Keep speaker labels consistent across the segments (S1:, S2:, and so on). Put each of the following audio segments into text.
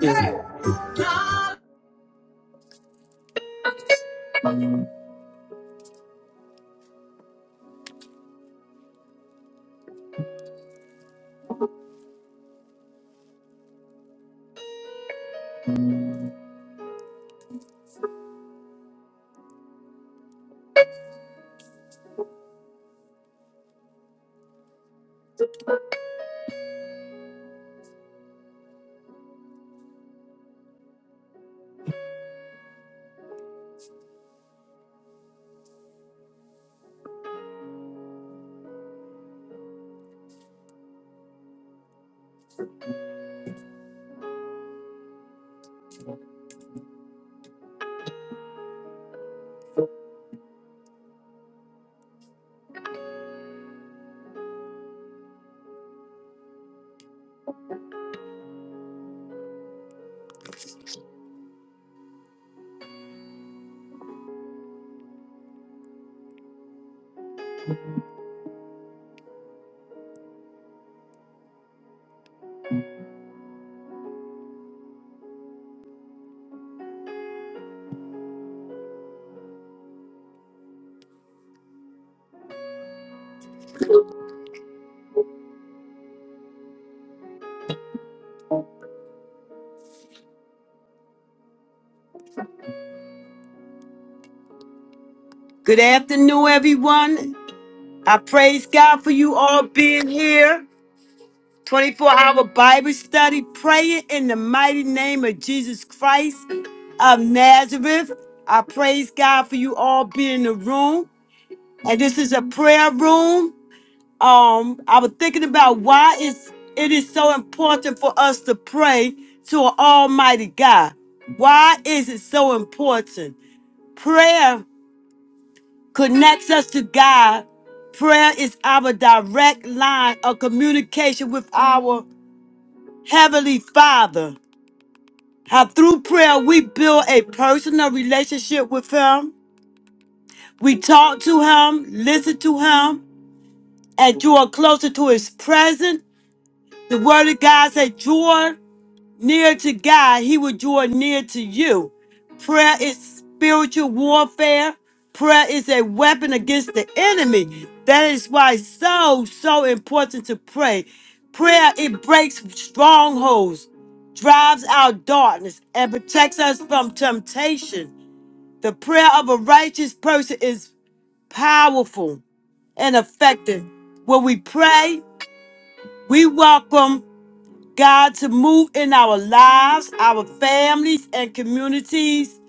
S1: Good afternoon, everyone. I praise God for you all being here. 24 hour Bible study, praying in the mighty name of Jesus Christ of Nazareth. I praise God for you all being in the room. And this is a prayer room. Um, I was thinking about why it's, it is so important for us to pray to an Almighty God. Why is it so important? Prayer. connects us to God. Prayer is our direct line of communication with our Heavenly Father. How through prayer we build a personal relationship with Him. We talk to Him, listen to Him, and draw closer to His presence. The Word of God says, draw near to God, he will draw near to you. Prayer is spiritual warfare. Prayer is a weapon against the enemy. That is why it's so, so important to pray. Prayer, it breaks strongholds, drives out darkness, and protects us from temptation. The prayer of a righteous person is powerful and effective. When we pray, we welcome God to move in our lives, our families, and communities.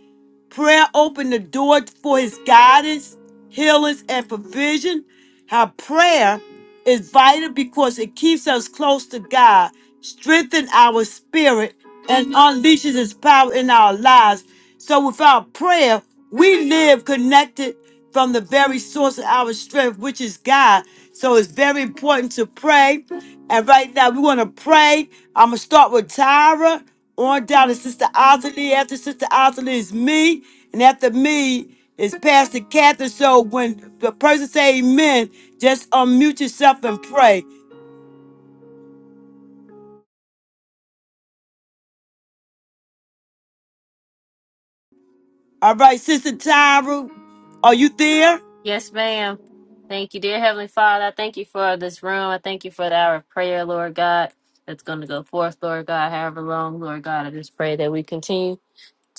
S1: Prayer opened the door for his guidance, healings, and provision. How prayer is vital because it keeps us close to God, strengthens our spirit, and unleashes His power in our lives. So without prayer, we live connected from the very source of our strength, which is God. So it's very important to pray. And right now, we want to pray. I'm going to start with Tyra on down to Sister Otterly. After Sister Otterly is me. And after me it's Pastor Catherine. So when the person say amen, just unmute yourself and pray. All right, Sister Tyra, are you there?
S2: Yes, ma'am. Thank you, dear Heavenly Father. I thank you for this room. I thank you for the hour of prayer, Lord God, that's going to go forth, Lord God, however long, Lord God. I just pray that we continue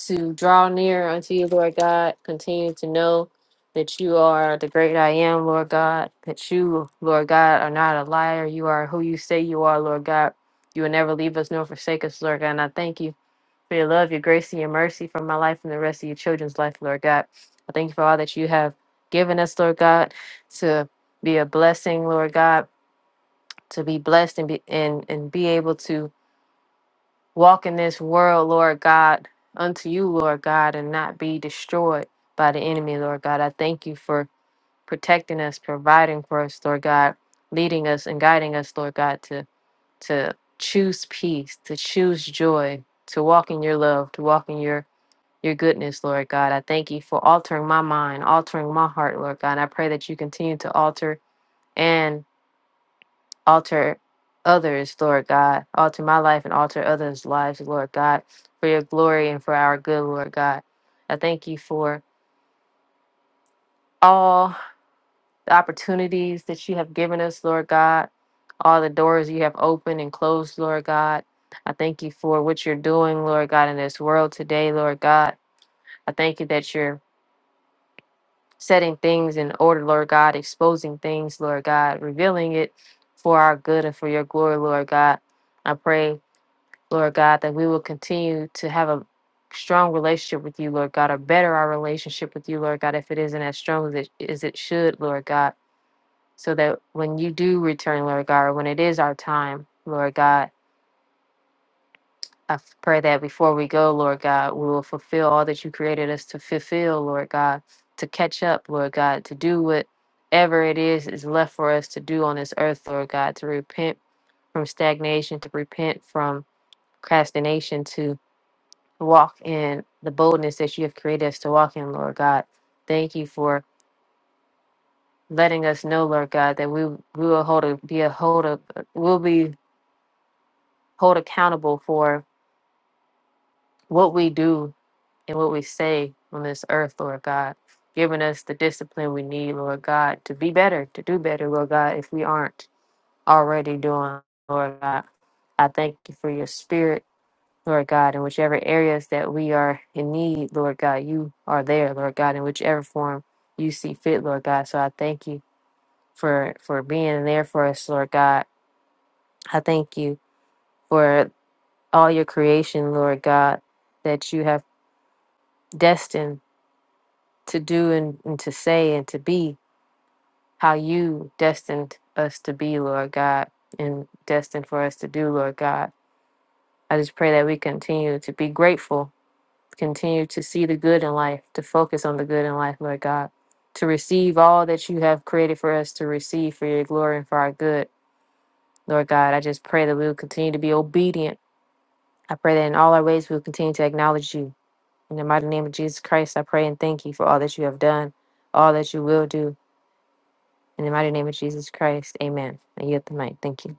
S2: to draw near unto you, Lord God. Continue to know that you are the great I am, Lord God. That you, Lord God, are not a liar. You are who you say you are, Lord God. You will never leave us nor forsake us, Lord God. And I thank you for your love, your grace, and your mercy for my life and the rest of your children's life, Lord God. I thank you for all that you have given us, Lord God, to be a blessing, Lord God, to be blessed and be and, and be able to walk in this world, Lord God, unto you, Lord God, and not be destroyed by the enemy, Lord God. I thank you for protecting us, providing for us, Lord God, leading us and guiding us, Lord God, to to choose peace, to choose joy, to walk in your love, to walk in your your goodness, Lord God. I thank you for altering my mind, altering my heart, Lord God. And I pray that you continue to alter and alter others, Lord God. Alter my life and alter others' lives, Lord God, for your glory and for our good, Lord God. I thank you for all the opportunities that you have given us, Lord God, all the doors you have opened and closed, Lord God. I thank you for what you're doing, Lord God, in this world today, Lord God. I thank you that you're setting things in order, Lord God, exposing things, Lord God, revealing it for our good and for your glory, Lord God. I pray, Lord God, that we will continue to have a strong relationship with you, Lord God, or better our relationship with you, Lord God, if it isn't as strong as it, as it should, Lord God, so that when you do return, Lord God, or when it is our time, Lord God, I f- pray that before we go, Lord God, we will fulfill all that you created us to fulfill, Lord God, to catch up, Lord God, to do whatever it is is left for us to do on this earth, Lord God, to repent from stagnation, to repent from procrastination, to walk in the boldness that you have created us to walk in, Lord God. Thank you for letting us know, Lord God, that we, we will hold a, be a hold of, we'll be hold accountable for what we do and what we say on this earth, Lord God, giving us the discipline we need, Lord God, to be better, to do better, Lord God, if we aren't already doing, Lord God. I thank you for your spirit, Lord God, in whichever areas that we are in need, Lord God, you are there, Lord God, in whichever form you see fit, Lord God. So I thank you for for being there for us, Lord God. I thank you for all your creation, Lord God, that you have destined to do and, and to say and to be how you destined us to be, Lord God, and destined for us to do, Lord God. I just pray that we continue to be grateful, continue to see the good in life, to focus on the good in life, Lord God, to receive all that you have created for us to receive for your glory and for our good, Lord God. I just pray that we will continue to be obedient. I pray that in all our ways we will continue to acknowledge you. In the mighty name of Jesus Christ, I pray and thank you for all that you have done, all that you will do. In the mighty name of Jesus Christ, amen. And you at the mic. Thank you.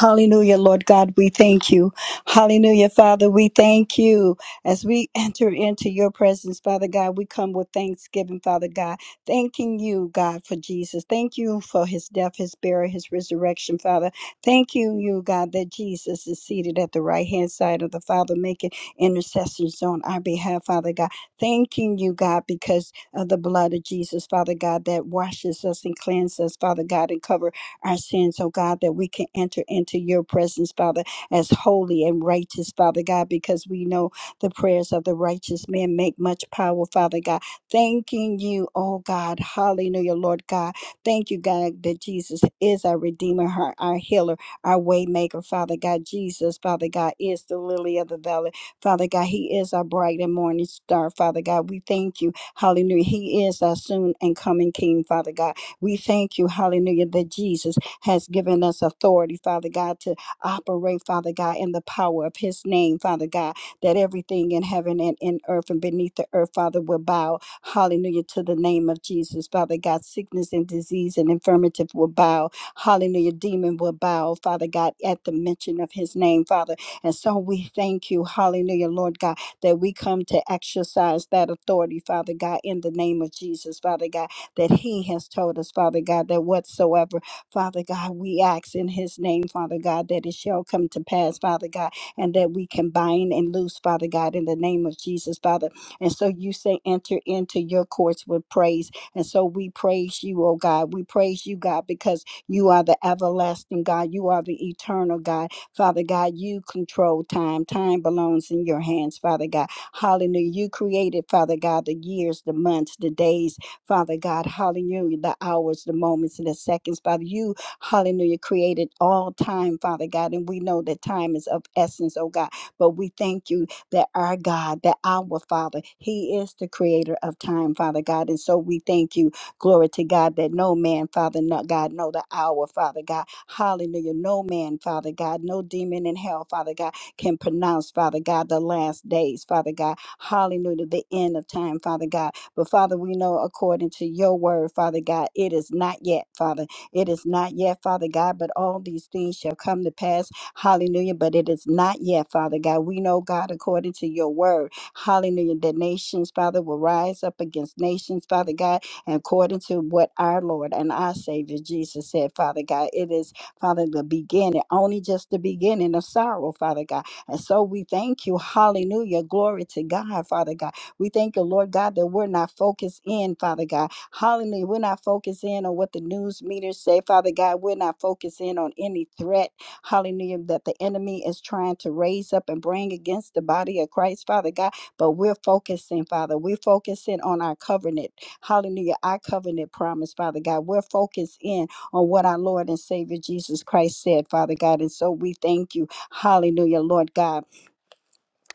S3: Hallelujah, Lord God, we thank you. Hallelujah, Father, we thank you. As we enter into your presence, Father God, we come with thanksgiving, Father God, thanking you, God, for Jesus. Thank you for his death, his burial, his resurrection, Father. Thank you, you, God, that Jesus is seated at the right hand side of the Father, making intercessions on our behalf, Father God. Thanking you, God, because of the blood of Jesus, Father God, that washes us and cleanses us, Father God, and covers. our sins, oh God, that we can enter into your presence, Father, as holy and righteous, Father God, because we know the prayers of the righteous men make much power, Father God. Thanking you, oh God. Hallelujah, Lord God. Thank you, God, that Jesus is our Redeemer, our, our healer, our waymaker, Father God. Jesus, Father God, is the lily of the valley. Father God, He is our bright and morning star, Father God. We thank you. Hallelujah. He is our soon and coming King, Father God. We thank you, hallelujah, that Jesus has given us authority, Father God, to operate, Father God, in the power of his name, Father God, that everything in heaven and in earth and beneath the earth, Father, will bow, hallelujah, to the name of Jesus, Father God. Sickness and disease and infirmity will bow, hallelujah. Demon will bow, Father God, at the mention of his name, Father. And so we thank you, hallelujah, Lord God, that we come to exercise that authority, Father God, in the name of Jesus, Father God that He has told us, Father God, that whatsoever, Father God, we ask in His name, Father God, that it shall come to pass, Father God, and that we can bind and loose, Father God, in the name of Jesus, Father. And so you say, enter into your courts with praise. And so we praise you, oh God. We praise you, God, because you are the everlasting God. You are the eternal God. Father God, you control time. Time belongs in your hands, Father God. Hallelujah. You created, Father God, the years, the months, the days, Father God, hallelujah, the hours, the moments, and the seconds. Father, you, hallelujah, created all time, Father God, and we know that time is of essence, oh God. But we thank you that our God, that our Father, He is the creator of time, Father God. And so we thank you, glory to God, that no man, Father, not God, know the hour, Father God. Hallelujah. No man, Father God, no demon in hell, Father God, can pronounce, Father God, the last days, Father God. Hallelujah. The end of time, Father God. But Father, we know according to your word, Father God, it is not yet, Father. It is not yet, Father God, but all these things shall come to pass. Hallelujah. But it is not yet, Father God. We know, God, according to your word, hallelujah, that nations, Father, will rise up against nations, Father God, and according to what our Lord and our Savior Jesus said, Father God. It is, Father, the beginning, only just the beginning of sorrow, Father God. And so we thank you. Hallelujah. Glory to God, Father God we thank you, Lord God, that we're not focused in, Father God. Hallelujah. We're not focused in on what the news meters say, Father God. We're not focused in on any threat, hallelujah, that the enemy is trying to raise up and bring against the body of Christ, Father God. But we're focusing, Father. We're focusing on our covenant, hallelujah, our covenant promise, Father God. We're focused in on what our Lord and Savior Jesus Christ said, Father God. And so we thank you, hallelujah, Lord God.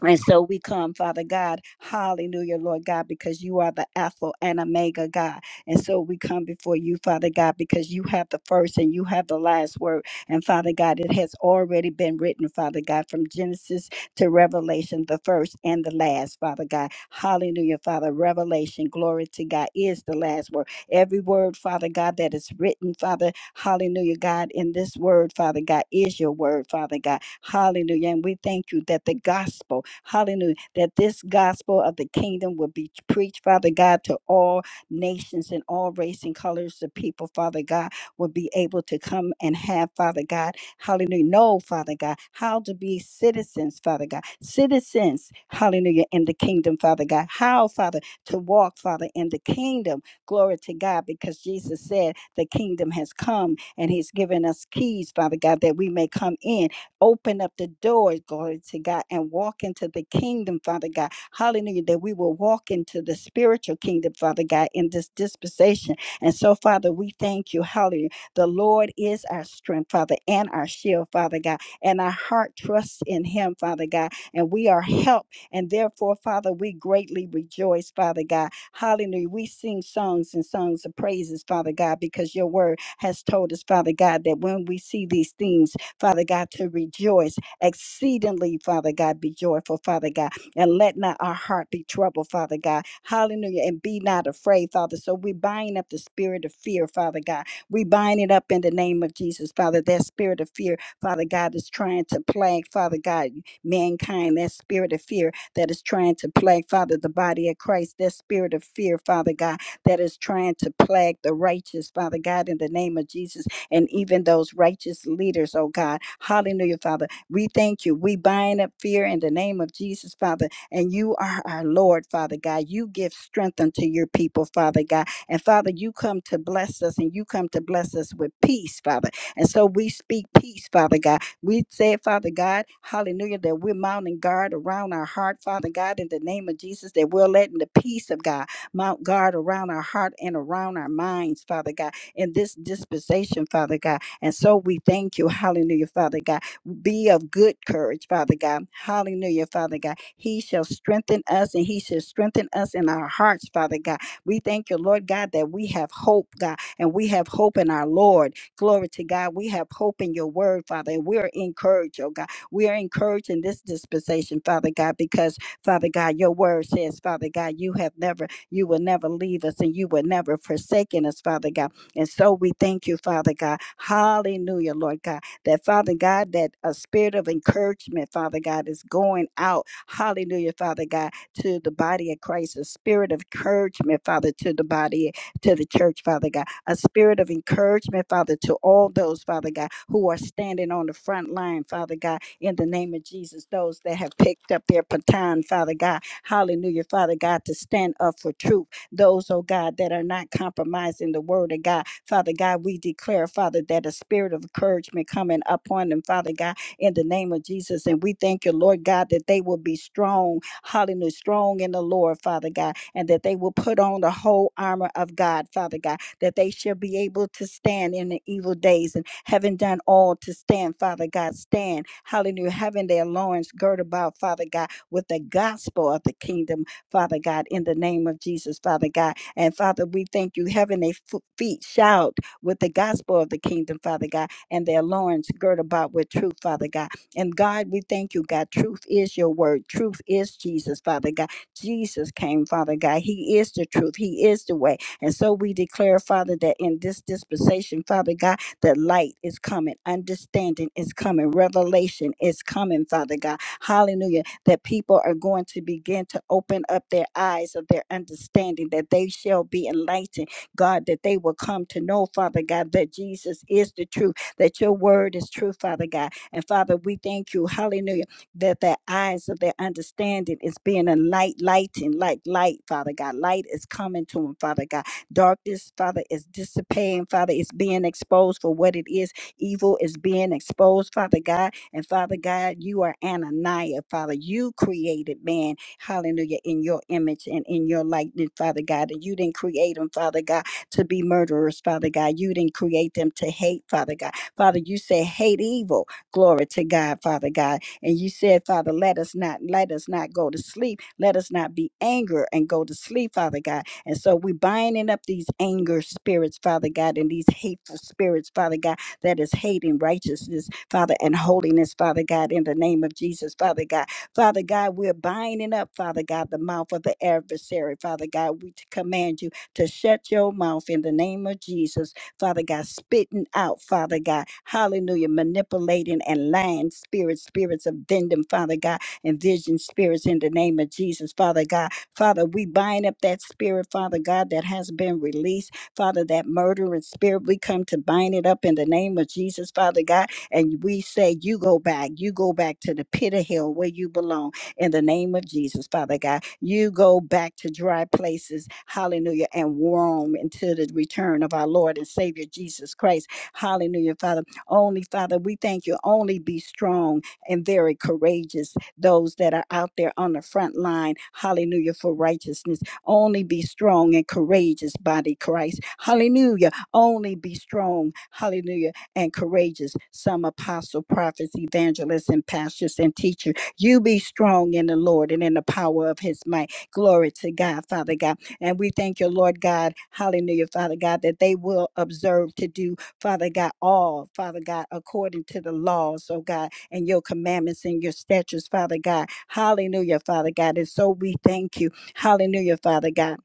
S3: And so we come, Father God, hallelujah, Lord God, because you are the Alpha and Omega God. And so we come before you, Father God, because you have the first and you have the last word. And Father God, it has already been written, Father God, from Genesis to Revelation, the first and the last, Father God. Hallelujah, Father. Revelation, glory to God, is the last word. Every word, Father God, that is written, Father, hallelujah, God, in this word, Father God, is your word, Father God, hallelujah. And we thank you that the gospel, hallelujah, that this gospel of the kingdom will be preached, Father God, to all nations and all race and colors of people, Father God, will be able to come and have, Father God, hallelujah, know, Father God, how to be citizens, Father God, citizens, hallelujah, in the kingdom, Father God, how, Father, to walk, Father, in the kingdom, Glory to God, because Jesus said the kingdom has come and he's given us keys, Father God, that we may come in. Open up the doors, glory to God, and walk into the kingdom, Father God. Hallelujah, that we will walk into the spiritual kingdom, Father God, in this dispensation. And so, Father, we thank you. Hallelujah. The Lord is our strength, Father, and our shield, Father God, and our heart trusts in him, Father God, and we are helped. And therefore, Father, we greatly rejoice, Father God. Hallelujah. We sing songs and songs of praises, Father God, because your word has told us, Father God, that when we see these things, Father God, to rejoice exceedingly, Father God, be joyful, Father God, and let not our heart be troubled, Father God. Hallelujah. And be not afraid, Father. So we bind up the spirit of fear, Father God. We bind it up in the name of Jesus, Father. That spirit of fear, Father God, is trying to plague, Father God, mankind. That spirit of fear that is trying to plague, Father, the body of Christ, that spirit of fear, Father God, that is trying to plague the righteous, Father God, in the name of Jesus, and even those righteous leaders, oh God. Hallelujah, Father. We thank you. We bind up fear in the name of Jesus, Father, and you are our Lord, Father God. You give strength unto your people, Father God. And Father, you come to bless us, and you come to bless us with peace, Father. And so we speak peace, Father God. We say, Father God, hallelujah, that we're mounting guard around our heart, Father God, in the name of Jesus, that we're letting the peace of God mount guard around our heart and around our minds, Father God, in this dispensation, Father God. And so we thank you, hallelujah, Father God. Be of good courage, Father God. Hallelujah, Father God. He shall strengthen us and he shall strengthen us in our hearts, Father God. We thank you, Lord God, that we have hope, God, and we have hope in our Lord. Glory to God. We have hope in your word, Father, and we're encouraged, oh God. We are encouraged in this dispensation, Father God, because, Father God, your word says, Father God, you have never, you will never leave us and you will never forsaken us, Father God. And so we thank you, Father God. Hallelujah, Lord God. That, Father God, that a spirit of encouragement, Father God, is going out. Hallelujah, Father God, to the body of Christ, a spirit of encouragement, Father, to the body, to the church, Father God a spirit of encouragement, Father, to all those, Father God, who are standing on the front line, Father God, in the name of Jesus, those that have picked up their baton, Father God, hallelujah, Father God, to stand up for truth, those, oh God, that are not compromising the word of God, Father God, we declare, Father, that a spirit of encouragement coming upon them, Father God, in the name of Jesus, and we thank you, Lord God, that they will be strong, hallelujah, strong in the Lord, Father God, and that they will put on the whole armor of God, Father God, that they shall be able to stand in the evil days and having done all to stand, Father God, stand. Hallelujah. Having their loins girded about, Father God, with the gospel of the kingdom, Father God, in the name of Jesus, Father God. And Father, we thank you, having their fo- feet shout with the gospel of the kingdom, Father God, and their loins girded about with truth, Father God. And God, we thank you, God. Truth is your word. Truth is Jesus, Father God. Jesus came, Father God. He is the truth. He is the way. And so we declare, Father, that in this dispensation, Father God, that light is coming, understanding is coming, revelation is coming, Father God. Hallelujah. That people are going to begin to open up their eyes of their understanding, that they shall be enlightened, God, that they will come to know, Father God, that Jesus is the truth, that your word is true, Father God. And Father, we thank you, hallelujah, that the eyes of their understanding is being a light, lighting, like light, Father God. Light is coming to them, Father God Darkness, Father, is dissipating. Father, it's being exposed for what it is. Evil is being exposed, Father God. And Father God, you are Ananiah, Father. You created man, hallelujah, in your image and in your likeness, Father God. And you didn't create them, Father God, to be murderers, Father God. You didn't create them to hate, Father God. Father, you said hate evil. Glory to God, Father God. And you said, Father, let us not let us not go to sleep. Let us not be angry and go to sleep, Father God and so we binding up these anger spirits, Father God, and these hateful spirits, Father God, that is hating righteousness, Father, and holiness, Father God, in the name of Jesus, Father God. Father God, we're binding up, Father God, the mouth of the adversary, Father God. We command you to shut your mouth in the name of Jesus, Father God, spitting out, Father God, hallelujah, manipulating and lying spirits, spirits of vending, Father God, and vision spirits in the name of Jesus, Father God. Father, we bind up that spirit, Father God, that has been released. Father, that murdering spirit, we come to bind it up in the name of Jesus, Father God. And we say, You go back. You go back to the pit of hell where you belong in the name of Jesus, Father God. You go back to dry places. Hallelujah. And warm until the return of our Lord and Savior Jesus Christ. Hallelujah, Father. Only, Father, we thank you. Only be strong and very courageous those that are out there on the front line. Hallelujah for righteousness. Only be strong and courageous, body Christ. Hallelujah. Only be strong. Hallelujah and courageous. Some apostle, prophets, evangelists, and pastors and teachers. You be strong in the Lord and in the power of his might. Glory to God, Father God. And we thank you, Lord God. Hallelujah, Father God, that they will observe to do, Father God, all, Father God, according to the laws, oh God and your commandments and your statutes, Father God. Hallelujah, Father God. And so we thank you. Hallelujah, Father God.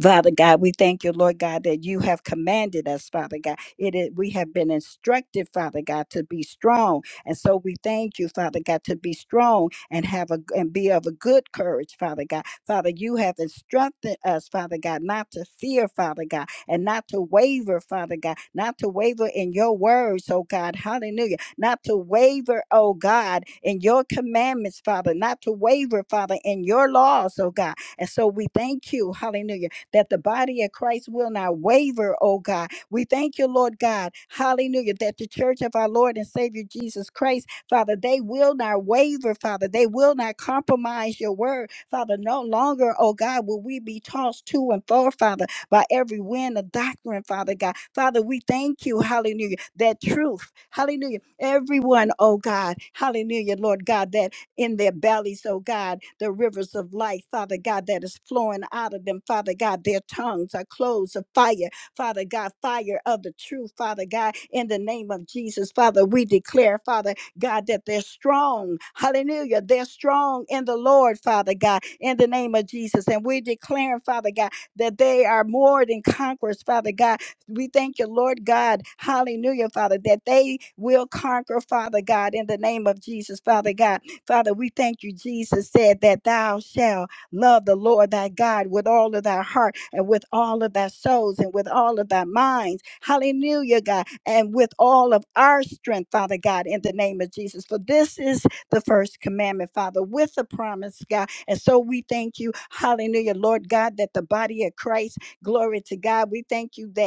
S3: Father God, we thank you, Lord God, that you have commanded us, Father God. It is, we have been instructed, Father God, to be strong. And so we thank you, Father God, to be strong and have a and be of a good courage, Father God. Father, you have instructed us, Father God, not to fear, Father God, and not to waver, Father God, not to waver in your words, oh God. Hallelujah. Not to waver, oh God, in your commandments, Father, not to waver, Father, in your laws, oh God. And so we thank you, hallelujah that the body of Christ will not waver, oh God. We thank you, Lord God. Hallelujah. That the church of our Lord and Savior Jesus Christ, Father, they will not waver, Father. They will not compromise your word, Father. No longer, oh God, will we be tossed to and fro, Father, by every wind of doctrine, Father God. Father, we thank you, hallelujah, that truth, hallelujah. Everyone, oh God, hallelujah, Lord God, that in their bellies, oh God, the rivers of life, Father God, that is flowing out of them, Father God. Their tongues are closed of fire, Father God, fire of the truth, Father God, in the name of Jesus, Father. We declare, Father God, that they're strong. Hallelujah. They're strong in the Lord, Father God, in the name of Jesus. And we declare, Father God, that they are more than conquerors, Father God. We thank you, Lord God. Hallelujah, Father, that they will conquer, Father God, in the name of Jesus, Father God. Father, we thank you, Jesus said that thou shalt love the Lord thy God with all of thy heart and with all of thy souls and with all of thy minds. Hallelujah, God. And with all of our strength, Father God, in the name of Jesus. For this is the first commandment, Father, with the promise, God. And so we thank you, hallelujah, Lord God, that the body of Christ, glory to God, we thank you that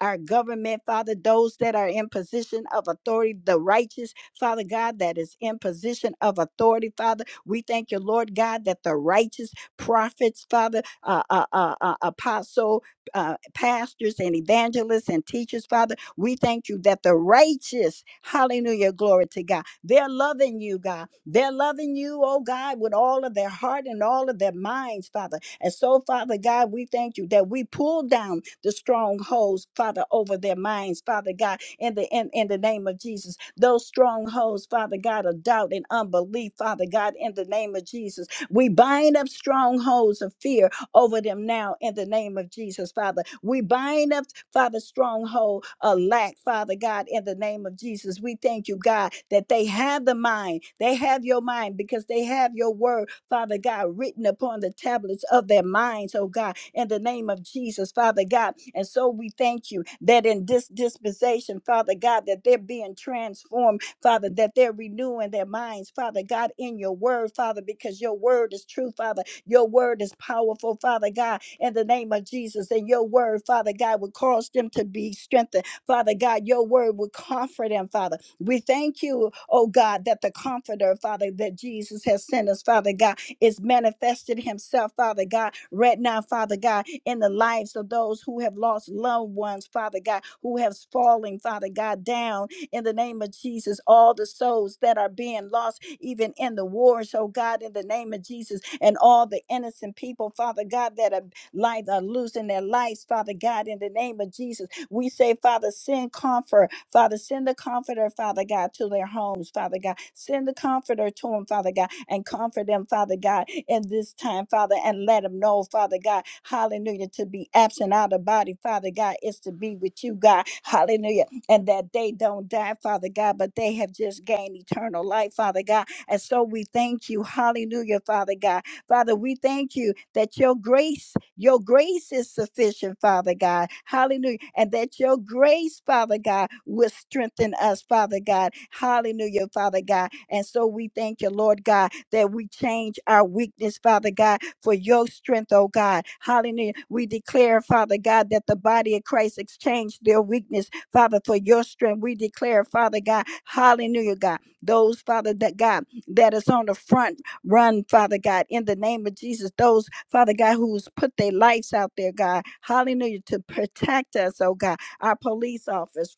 S3: our government, Father, those that are in position of authority, the righteous, Father God, that is in position of authority, Father. We thank you, Lord God, that the righteous prophets, Father, uh, uh, uh, uh, apostle, uh, pastors, and evangelists and teachers, Father, we thank you that the righteous, hallelujah, glory to God, they're loving you, God. They're loving you, oh God, with all of their heart and all of their minds, Father. And so, Father God, we thank you that we pull down the strongholds, Father, over their minds, Father God, in the in, in the name of Jesus. Those strongholds, Father God, of doubt and unbelief, Father God, in the name of Jesus. We bind up strongholds of fear over them now in the name of Jesus, Father. We bind up, Father, stronghold of lack, Father God, in the name of Jesus. We thank you, God, that they have the mind. They have your mind because they have your word, Father God, written upon the tablets of their minds, oh God, in the name of Jesus, Father God. And so we thank you that in this dispensation, Father God, that they're being transformed, Father, that they're renewing their minds, Father God, in your word, Father, because your word is true, Father your word is powerful, Father God, in the name of Jesus. And your word, Father God, would cause them to be strengthened. Father God, your word would comfort them, Father. We thank you, oh God, that the comforter, Father, that Jesus has sent us, Father God, is manifested himself, Father God, right now, Father God, in the lives of those who have lost loved ones, Father God, who have fallen, Father God, down in the name of Jesus. All the souls that are being lost even in the wars, oh God, in the name of Jesus, and all the innocent people, Father God, that are life are losing their lives, Father God, in the name of Jesus. We say, Father, send comfort, Father, send the comforter, Father God, to their homes, Father God. Send the comforter to them, Father God, and comfort them, Father God, in this time, Father, and let them know, Father God, hallelujah, to be absent out of body, Father God, is to be with you, God, hallelujah, and that they don't die, Father God, but they have just gained eternal life, Father God, and so we thank you. Hallelujah, Father God. Father, we thank you that your grace, your grace is sufficient, Father God. Hallelujah. And that your grace, Father God, will strengthen us, Father God. Hallelujah, Father God. And so we thank you, Lord God, that we change our weakness, Father God, for your strength, oh God. Hallelujah. We declare, Father God, that the body of Christ exchanged their weakness, Father, for your strength. We declare, Father God, hallelujah, God. Those, Father, that God that is on the front run, Father God, in the name of Jesus. Those, Father God, who's put their lives out there, God, hallelujah, to protect us, oh God, our police officers,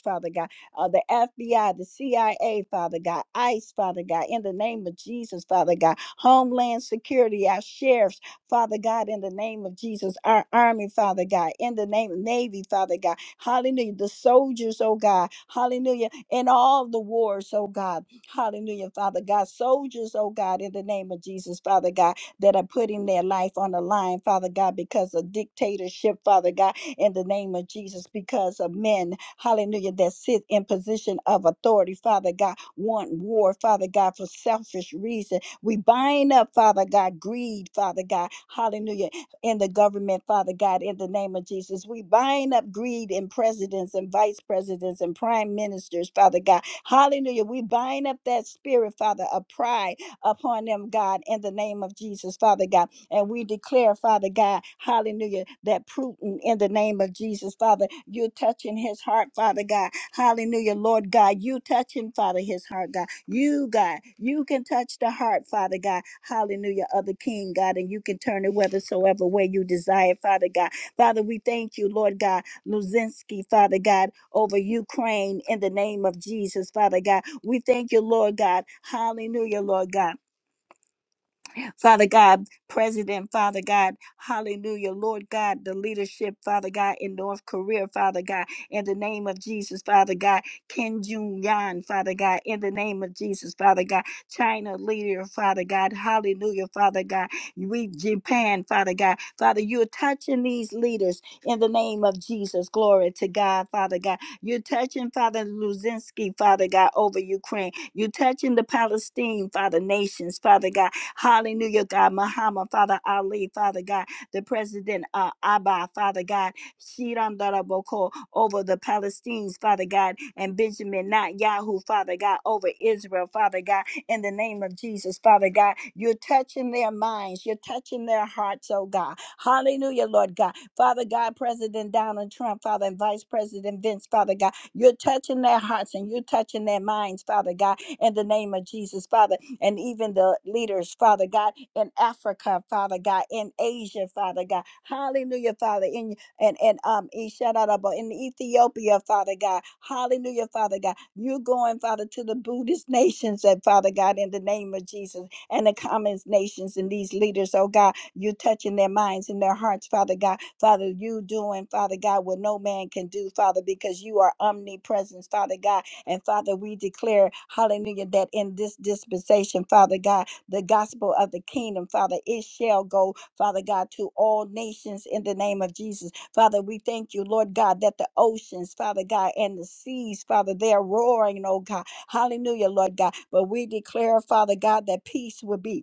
S3: Father God, uh, the FBI, the CIA, Father God, ICE, Father God, in the name of Jesus, Father God, Homeland Security, our sheriffs, Father God, in the name of Jesus, our Army, Father God, in the name of Navy, Father God, hallelujah, the soldiers, oh God, hallelujah, in all the wars, oh God. Hallelujah, Father God. Soldiers, oh God, in the name of Jesus, Father God, that are putting their life on the line, Father God, because of dictatorship, Father God, in the name of Jesus, because of men, hallelujah, that sit in position of authority, Father God, want war, Father God, for selfish reason. We bind up, Father God, greed, Father God, hallelujah, in the government, Father God, in the name of Jesus. We bind up greed in presidents and vice presidents and prime ministers, Father God. Hallelujah. We bind up that spirit, Father, of pride upon them, God, in the name of Jesus, Father God. And we declare, Father God, hallelujah, that Putin, in the name of Jesus, Father, you're touching his heart, Father God. Hallelujah, Lord God, you touching, Father, his heart, God. You, God, you can touch the heart, Father God. Hallelujah, of the King, God, and you can turn it whithersoever way you desire, Father God. Father, we thank you, Lord God, Luzinski, Father God, over Ukraine, in the name of Jesus, Father God. We thank you, Lord God. Hallelujah, Lord God. Father God, President, Father God, hallelujah, Lord God, the leadership, Father God, in North Korea, Father God, in the name of Jesus, Father God, Kim Jong Yan, Father God, in the name of Jesus, Father God, China leader, Father God, hallelujah, Father God, we Japan, Father God, Father, you're touching these leaders in the name of Jesus, glory to God, Father God, you're touching Father Luzinski, Father God, over Ukraine, you're touching the Palestine, Father, nations, Father God. Hallelujah, God. Muhammad, Father Ali, Father God, the President uh, Abba, Father God, Shiran Daraboko, over the Palestinians, Father God, and Benjamin, Netanyahu, Father God, over Israel, Father God, in the name of Jesus, Father God. You're touching their minds, you're touching their hearts, oh God. Hallelujah, Lord God. Father God, President Donald Trump, Father, and Vice President Vince, Father God, you're touching their hearts and you're touching their minds, Father God in the name of Jesus, Father, and even the leaders, Father God, in Africa, Father God, in Asia, Father God. Hallelujah, Father, in and and um Ishadaba in Ethiopia, Father God. Hallelujah, Father God. you going, Father, to the Buddhist nations that Father God, in the name of Jesus, and the commons nations and these leaders, oh God, you touching their minds and their hearts, Father God. Father, you doing, Father God, what no man can do, Father, because you are omnipresent, Father God and Father, we declare, hallelujah, that in this dispensation, Father God, the gospel of the kingdom, Father, it shall go, Father God, to all nations in the name of Jesus. Father, we thank you, Lord God, that the oceans, Father God, and the seas, Father, they're roaring, oh God. Hallelujah, Lord God. But we declare, Father God, that peace will be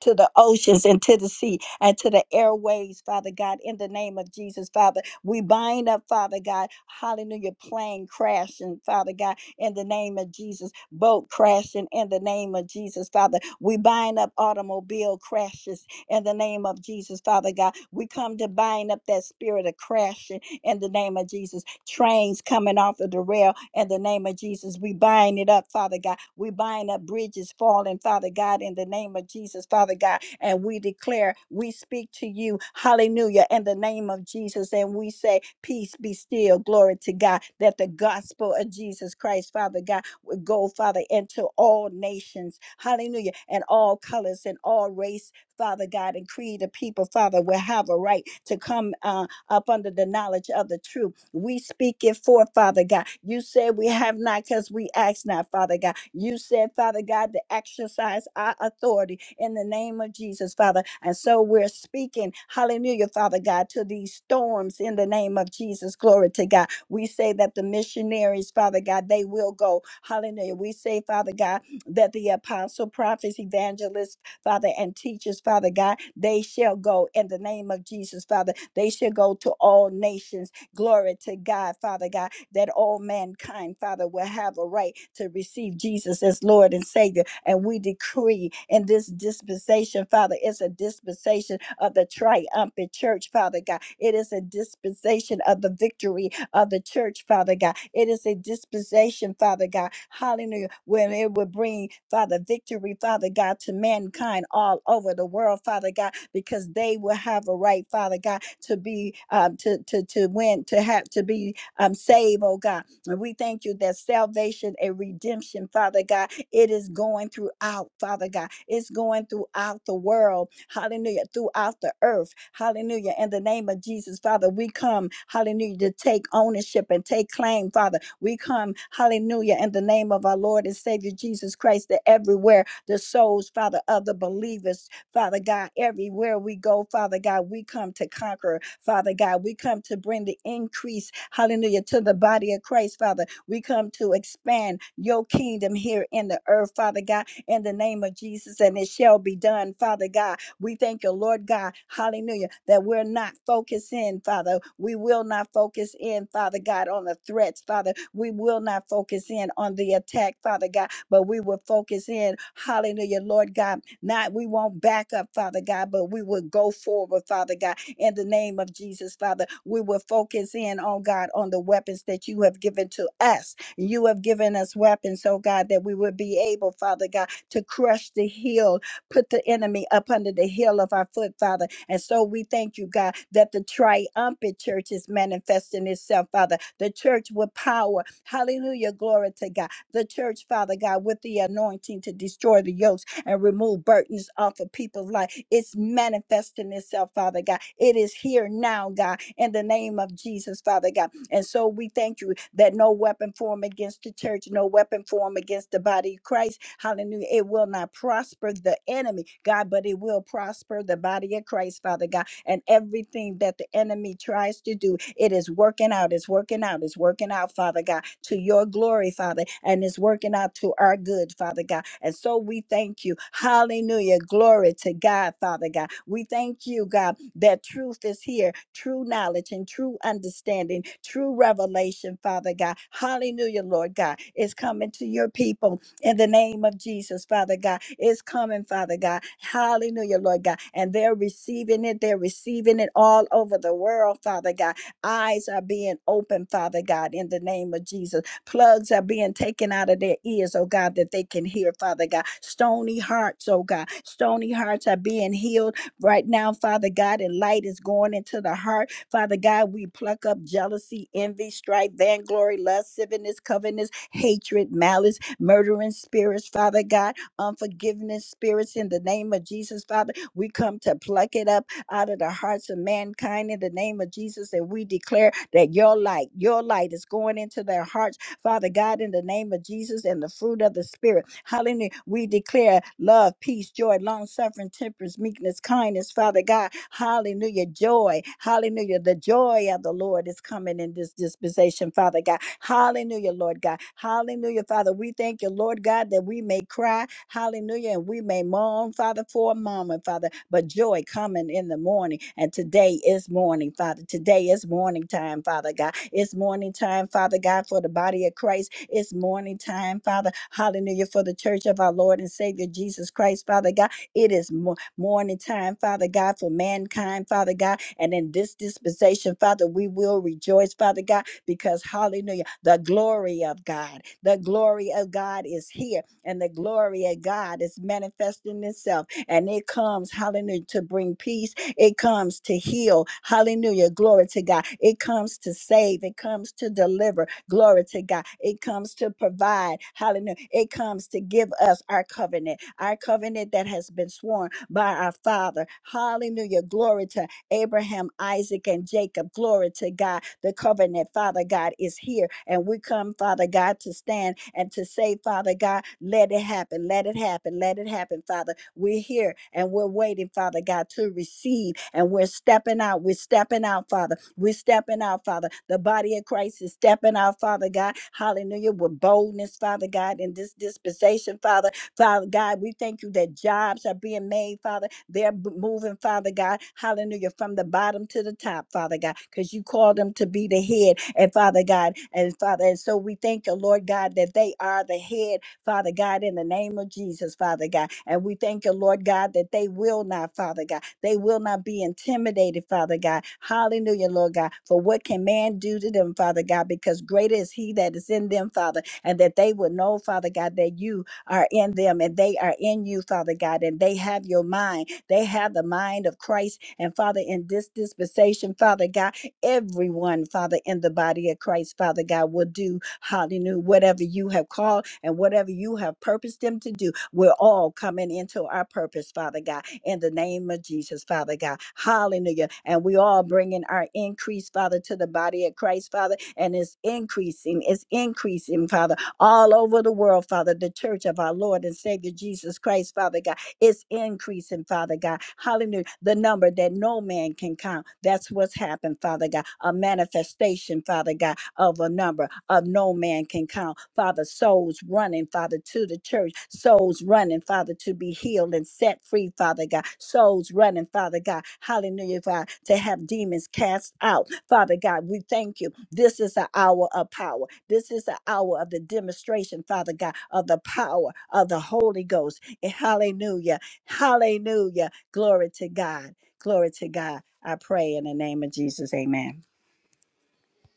S3: to the oceans and to the sea and to the airways, Father God, in the name of Jesus, Father. We bind up, Father God, hallelujah, plane crashing, Father God, in the name of Jesus, boat crashing in the name of Jesus, Father. We bind up automobile crashes in the name of Jesus, Father God. We come to bind up that spirit of crashing in the name of Jesus. Trains coming off of the rail in the name of Jesus. We bind it up, Father God. We bind up bridges falling, Father God, in the name of Jesus, Father God. And we declare, we speak to you, hallelujah, in the name of Jesus. And we say, peace be still, glory to God, that the gospel of Jesus Christ, Father God, would go, Father, into all nations, hallelujah, and all colors and all race, Father God, and creed of people, Father, will have a right to come. Uh, up under the knowledge of the truth. We speak it forth, Father God. You said we have not because we ask not, Father God. You said, Father God, to exercise our authority in the name of Jesus, Father. And so we're speaking, hallelujah, Father God, to these storms in the name of Jesus. Glory to God. We say that the missionaries, Father God, they will go. Hallelujah. We say, Father God, that the apostle, prophets, evangelists, Father, and teachers, Father God. They shall go in the name of Jesus, Father. They shall go to all nations. Glory to God, Father God that all mankind, Father, will have a right to receive Jesus as Lord and Savior. And we decree in this dispensation, Father, it's a dispensation of the triumphant church, Father God. It is a dispensation of the victory of the church, Father God. It is a dispensation, Father God. Hallelujah. When it will bring, Father, victory, Father God, to mankind all over the world, Father God, because they will have a right, Father God, to be um to to to win, to have to be um, save, oh God. And we thank you that salvation and redemption, Father God, it is going throughout, Father God. It's going throughout the world, hallelujah, throughout the earth, hallelujah. In the name of Jesus, Father, we come, hallelujah, to take ownership and take claim, Father. We come, hallelujah, in the name of our Lord and Savior Jesus Christ, that everywhere the souls, Father, of the believers, Father God, everywhere we go, Father God, we come to conquer. Father God, we come to bring the increase, hallelujah, to the body of Christ, Father. We come to expand your kingdom here in the earth, Father God, in the name of Jesus, and it shall be done, Father God. We thank you, Lord God, hallelujah, that we're not focused in, Father. We will not focus in, Father God, on the threats, Father. We will not focus in on the attack, Father God, but we will focus in, hallelujah, Lord God not we won't back up, Father God, but we will go forward, Father God, in the name of Jesus, Father. We will focus in on God on the weapons that you have given to us. You have given us weapons, oh God, that we would be able, Father God, to crush the heel, put the enemy up under the heel of our foot, Father. And so we thank you, God, that the triumphant church is manifesting itself, Father. The church with power. Hallelujah. Glory to God. The church, Father God, with the anointing to destroy the yokes and remove burdens off of people's life. It's manifesting itself, Father God. It is here now, God, in the name of Jesus, Father God. And so we thank you that no weapon formed against the church, no weapon formed against the body of Christ. Hallelujah. It will not prosper the enemy, God, but it will prosper the body of Christ, Father God and everything that the enemy tries to do, it is working out, it's working out, it's working out, Father God, to your glory, Father, and it's working out to our good, Father God. And so we thank you. Hallelujah. Glory to God, Father God. We thank you, God, that truth is here, true knowledge and true understanding, true revelation, Father God. Hallelujah, Lord God, is coming to your people in the name of Jesus, Father God. It's coming, Father God. Hallelujah, Lord God. And they're receiving it. They're receiving it all over the world, Father God. Eyes are being opened, Father God, in the name of Jesus. Plugs are being taken out of their ears, oh God, that they can hear, Father God. Stony hearts, oh God. Stony hearts are being healed right now, Father God, and light is going into the heart Father God, we pluck up jealousy, envy, strife, vainglory, lasciviousness, covetousness, hatred, malice, murdering spirits, Father God, unforgiveness spirits in the name of Jesus, Father. We come to pluck it up out of the hearts of mankind in the name of Jesus, and we declare that your light, your light is going into their hearts Father God, in the name of Jesus and the fruit of the Spirit. Hallelujah. We declare love, peace, joy, long suffering, temperance, meekness, kindness, Father God. Hallelujah. Joy. Hallelujah. The joy of the Lord is coming in this dispensation, Father God. Hallelujah, Lord God. Hallelujah, Father. We thank you, Lord God, that God, that we may cry, hallelujah, and we may mourn, Father, for a moment, Father, but joy coming in the morning. And today is morning, Father. Today is morning time, Father God. It's morning time, Father God, for the body of Christ. It's morning time, Father, hallelujah, for the church of our Lord and Savior Jesus Christ, Father God. It is mo- morning time, Father God, for mankind, Father God. And in this dispensation, Father, we will rejoice, Father God, because hallelujah, the glory of God, the glory of God is here and the glory of God is manifesting itself. And it comes, hallelujah, to bring peace. It comes to heal. Hallelujah. Glory to God. It comes to save. It comes to deliver. Glory to God. It comes to provide. Hallelujah. It comes to give us our covenant, our covenant that has been sworn by our Father. Hallelujah. Glory to Abraham, Isaac, and Jacob. Glory to God. The covenant, Father God, is here. And we come, Father God, to stand and to say, Father God, let it happen, let it happen, let it happen, Father. We're here and we're waiting, Father God, to receive. And we're stepping out. We're stepping out, Father. We're stepping out, Father. The body of Christ is stepping out, Father God. Hallelujah. With boldness, Father God, in this dispensation, Father. Father God, we thank you that jobs are being made, Father. They're b- moving, Father God. Hallelujah. From the bottom to the top, Father God, because you called them to be the head. And Father God, and Father, and so we thank you, Lord God, that they are the head, Father God, in the name of Jesus, Father God. And we thank you, Lord God, that they will not, Father God, they will not be intimidated, Father God. Hallelujah, Lord God. For what can man do to them, Father God? Because greater is he that is in them, Father, and that they will know, Father God, that you are in them and they are in you, Father God, and they have your mind. They have the mind of Christ. And Father, in this dispensation, Father God, everyone, Father, in the body of Christ, Father God, will do, hallelujah, whatever you have called and whatever you have purposed them to do. We're all coming into our purpose, Father God, in the name of Jesus, Father God. Hallelujah. And we all bringing our increase, Father, to the body of Christ, Father, and it's increasing, it's increasing, Father all over the world, Father. The church of our Lord and Savior Jesus Christ, Father God, it's increasing, Father God. Hallelujah. The number that no man can count. That's what's happened, Father God. A manifestation, Father God of a number of no man can count. Father, souls running, Father, to the church, souls running, Father, to be healed and set free, Father God, souls running, Father God, hallelujah, Father, to have demons cast out, Father God. We thank you. This is the hour of power. This is the hour of the demonstration, Father God, of the power of the Holy Ghost. And hallelujah, hallelujah, glory to God, glory to God. I pray in the name of Jesus, amen.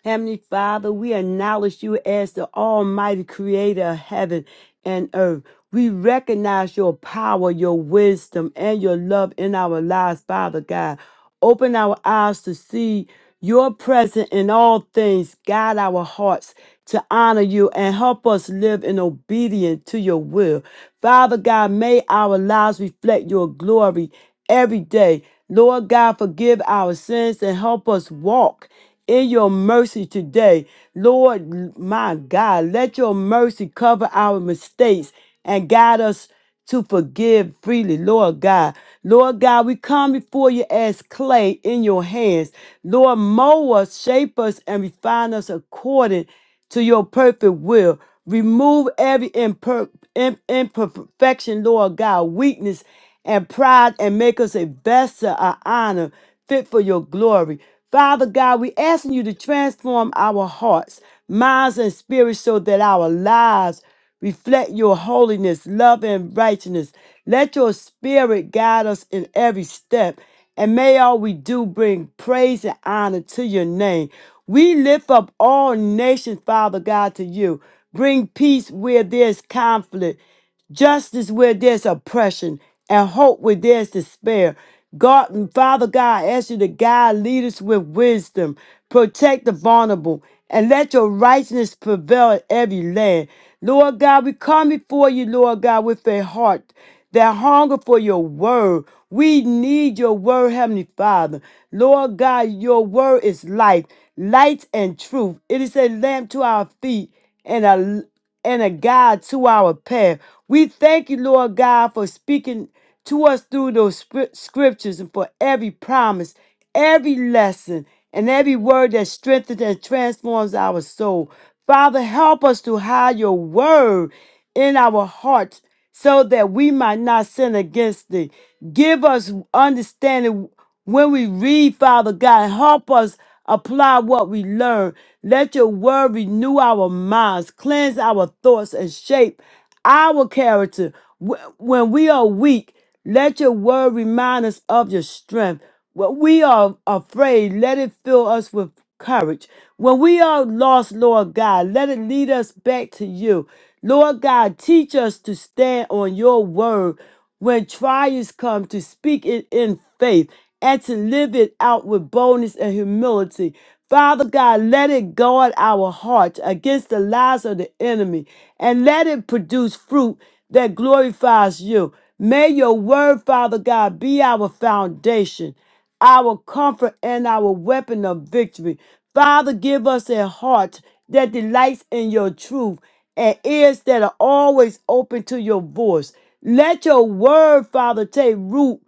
S1: Heavenly Father, we acknowledge you as the Almighty Creator of heaven and earth. We recognize your power, your wisdom, and your love in our lives, Father God. Open our eyes to see your presence in all things. Guide our hearts to honor you and help us live in obedience to your will. Father God, may our lives reflect your glory every day. Lord God, forgive our sins and help us walk in your mercy today. Lord, my God, let your mercy cover our mistakes and guide us to forgive freely, Lord God. Lord God, we come before you as clay in your hands. Lord, mold us, shape us, and refine us according to your perfect will. Remove every imper- im- imperfection, Lord God, weakness and pride, and make us a vessel of honor fit for your glory. Father God, we asking you to transform our hearts, minds, and spirits so that our lives reflect your holiness, love, and righteousness. Let your spirit guide us in every step, and may all we do bring praise and honor to your name. We lift up all nations, Father God, to you. Bring peace where there's conflict justice where there's oppression, and hope where there's despair. God and Father God, I ask you to guide leaders with wisdom, protect the vulnerable, and let your righteousness prevail in every land. Lord God, we come before you, Lord God, with a heart that hunger for your word. We need your word, Heavenly Father. Lord God, your word is life, light and truth. It is a lamp to our feet and a and a guide to our path. We thank you, Lord God, for speaking to us through those scrip- scriptures and for every promise, every lesson, and every word that strengthens and transforms our soul. Father, help us to hide your word in our hearts so that we might not sin against thee. Give us understanding when we read, Father God. Help us apply what we learn. Let your word renew our minds, cleanse our thoughts, and shape our character. Wh- When we are weak, let your word remind us of your strength. When we are afraid, let it fill us with courage. When we are lost, Lord God, let it lead us back to you. Lord God, teach us to stand on your word when trials come, to speak it in faith and to live it out with boldness and humility. Father God, let it guard our hearts against the lies of the enemy and let it produce fruit that glorifies you. May your word, Father God, be our foundation our comfort and our weapon of victory. Father, give us a heart that delights in your truth and ears that are always open to your voice. Let your word, Father, take root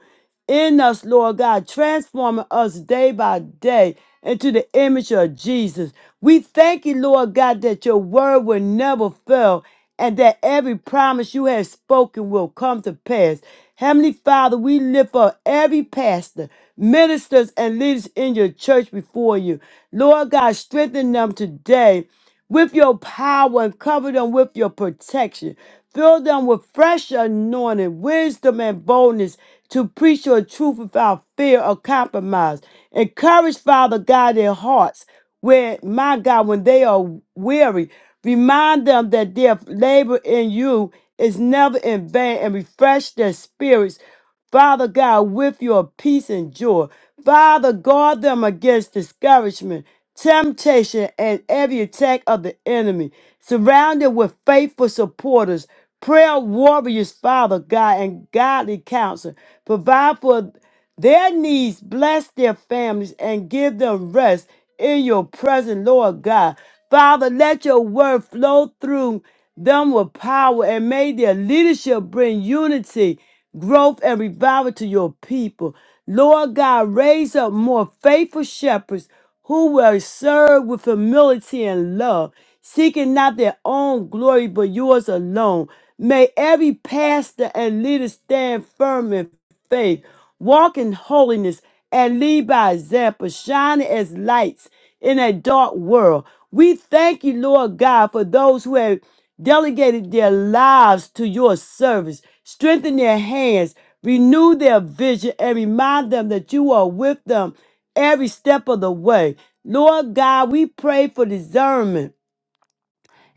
S1: in us, Lord God, transforming us day by day into the image of Jesus. We thank you, Lord God, that your word will never fail and that every promise you have spoken will come to pass. Heavenly Father, we lift up every pastor, ministers, and leaders in your church before you. Lord God, strengthen them today with your power and cover them with your protection. Fill them with fresh anointing, wisdom, and boldness to preach your truth without fear or compromise. Encourage, Father God, their hearts where, my God, when they are weary, remind them that their labor in you is never in vain and refresh their spirits Father God, with your peace and joy. Father, guard them against discouragement, temptation, and every attack of the enemy. Surrounded with faithful supporters, prayer warriors, Father God, and godly counsel. Provide for their needs, bless their families, and give them rest in your presence, Lord God. Father, let your word flow through them with power, and may their leadership bring unity growth and revival to your people. Lord God, raise up more faithful shepherds who will serve with humility and love, seeking not their own glory but yours alone. May every pastor and leader stand firm in faith, walk in holiness, and lead by example, shining as lights in a dark world. We thank you, Lord God, for those who have delegated their lives to your service, strengthen their hands, renew their vision, and remind them that you are with them every step of the way. Lord God, we pray for discernment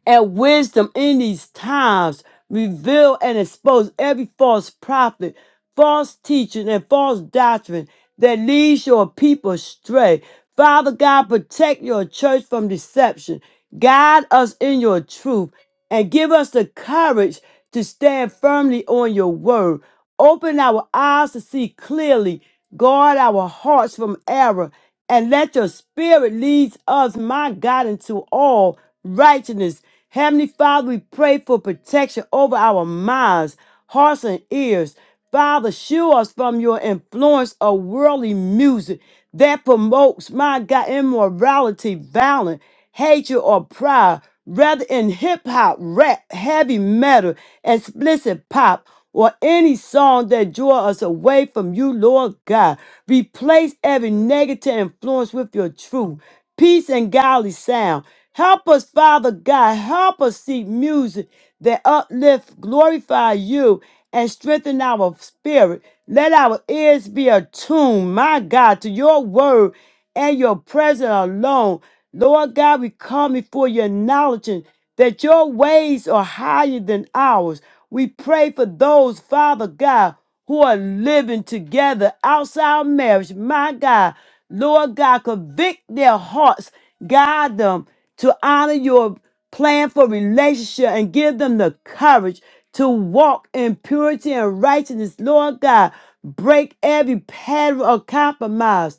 S1: and wisdom in these times. Reveal and expose every false prophet, false teaching, and false doctrine that leads your people astray. Father God, protect your church from deception. Guide us in your truth and give us the courage to stand firmly on your word. Open our eyes to see clearly. Guard our hearts from error and let your spirit lead us, my God, into all righteousness Heavenly Father, we pray for protection over our minds, hearts, and ears. Father, shield us from your influence of worldly music that promotes, my God, immorality, violence, hatred, or pride. Rather in hip hop, rap, heavy metal, explicit pop, or any song that draw us away from you, Lord God. Replace every negative influence with your truth peace and godly sound. Help us, Father God. Help us seek music that uplift, glorify you, and strengthen our spirit. Let our ears be attuned, my God, to your word and your presence alone. Lord God, we come before you acknowledging that your ways are higher than ours. We pray for those, Father God, who are living together outside marriage, my God. Lord God, convict their hearts, guide them to honor your plan for relationship and give them the courage to walk in purity and righteousness. Lord God, break every pattern of compromise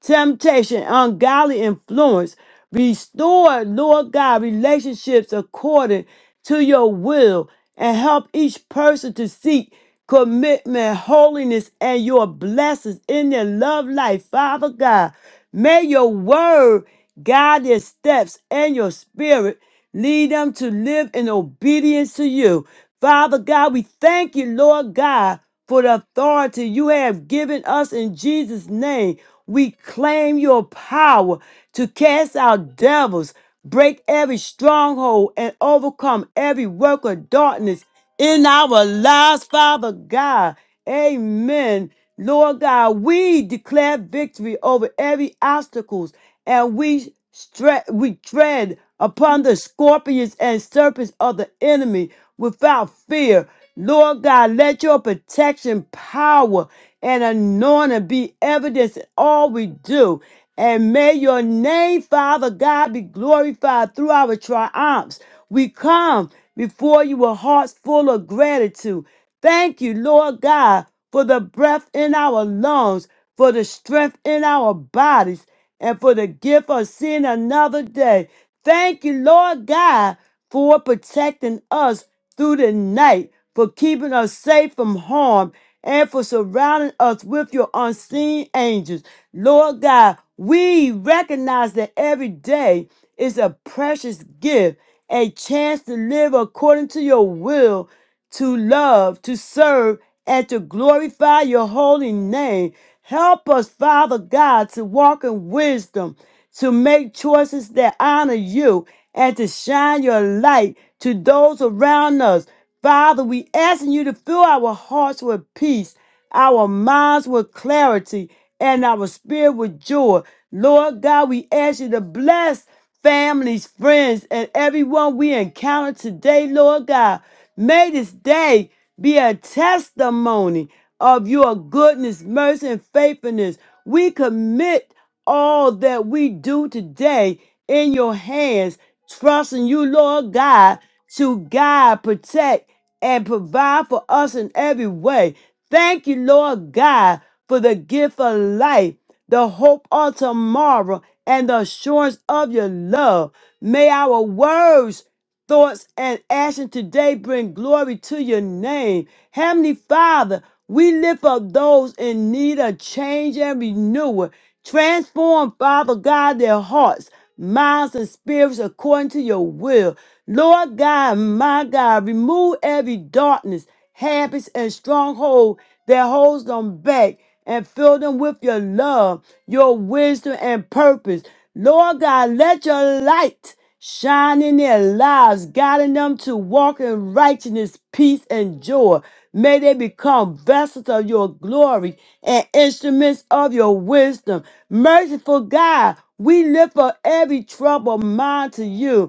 S1: temptation, ungodly influence. Restore, Lord God, relationships according to your will and help each person to seek commitment, holiness, and your blessings in their love life. Father God, may your word guide their steps and your spirit lead them to live in obedience to you. Father God, we thank you, Lord God for the authority you have given us in Jesus' name. We claim your power to cast out devils, break every stronghold, and overcome every work of darkness in our lives, Father God. Amen. Lord God, we declare victory over every obstacles, and we stre- we tread upon the scorpions and serpents of the enemy without fear. Lord God, let your protection, power, and anointing be evidence in all we do. And may your name, Father God, be glorified through our triumphs. We come before you with hearts full of gratitude. Thank you, Lord God, for the breath in our lungs, for the strength in our bodies, and for the gift of seeing another day. Thank you, Lord God, for protecting us through the night for keeping us safe from harm and for surrounding us with your unseen angels. Lord God, we recognize that every day is a precious gift, a chance to live according to your will, to love, to serve, and to glorify your holy name. Help us, Father God, to walk in wisdom, to make choices that honor you, and to shine your light to those around us. Father, we asking you to fill our hearts with peace, our minds with clarity, and our spirit with joy. Lord God, we ask you to bless families, friends, and everyone we encounter today, Lord God. May this day be a testimony of your goodness, mercy, and faithfulness. We commit all that we do today in your hands, trusting you, Lord God, to guide, protect, and provide for us in every way. Thank you, Lord God, for the gift of life, the hope of tomorrow, and the assurance of your love. May our words, thoughts, and action today bring glory to your name. Heavenly Father, we lift up those in need of change and renewal. Transform, Father God, their hearts, minds, and spirits according to your will. Lord God, my God, remove every darkness, habits, and stronghold that holds them back and fill them with your love, your wisdom, and purpose. Lord God, let your light shine in their lives, guiding them to walk in righteousness, peace, and joy. May they become vessels of your glory and instruments of your wisdom. Merciful God, we lift up every troubled mind to you.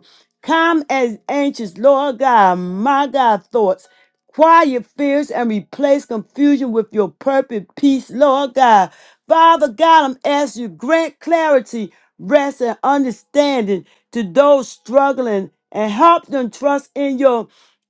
S1: Calm as anxious, Lord God, my God, thoughts. Quiet your fears and replace confusion with your perfect peace, Lord God. Father God, I'm asking you, grant clarity, rest, and understanding to those struggling and help them trust in your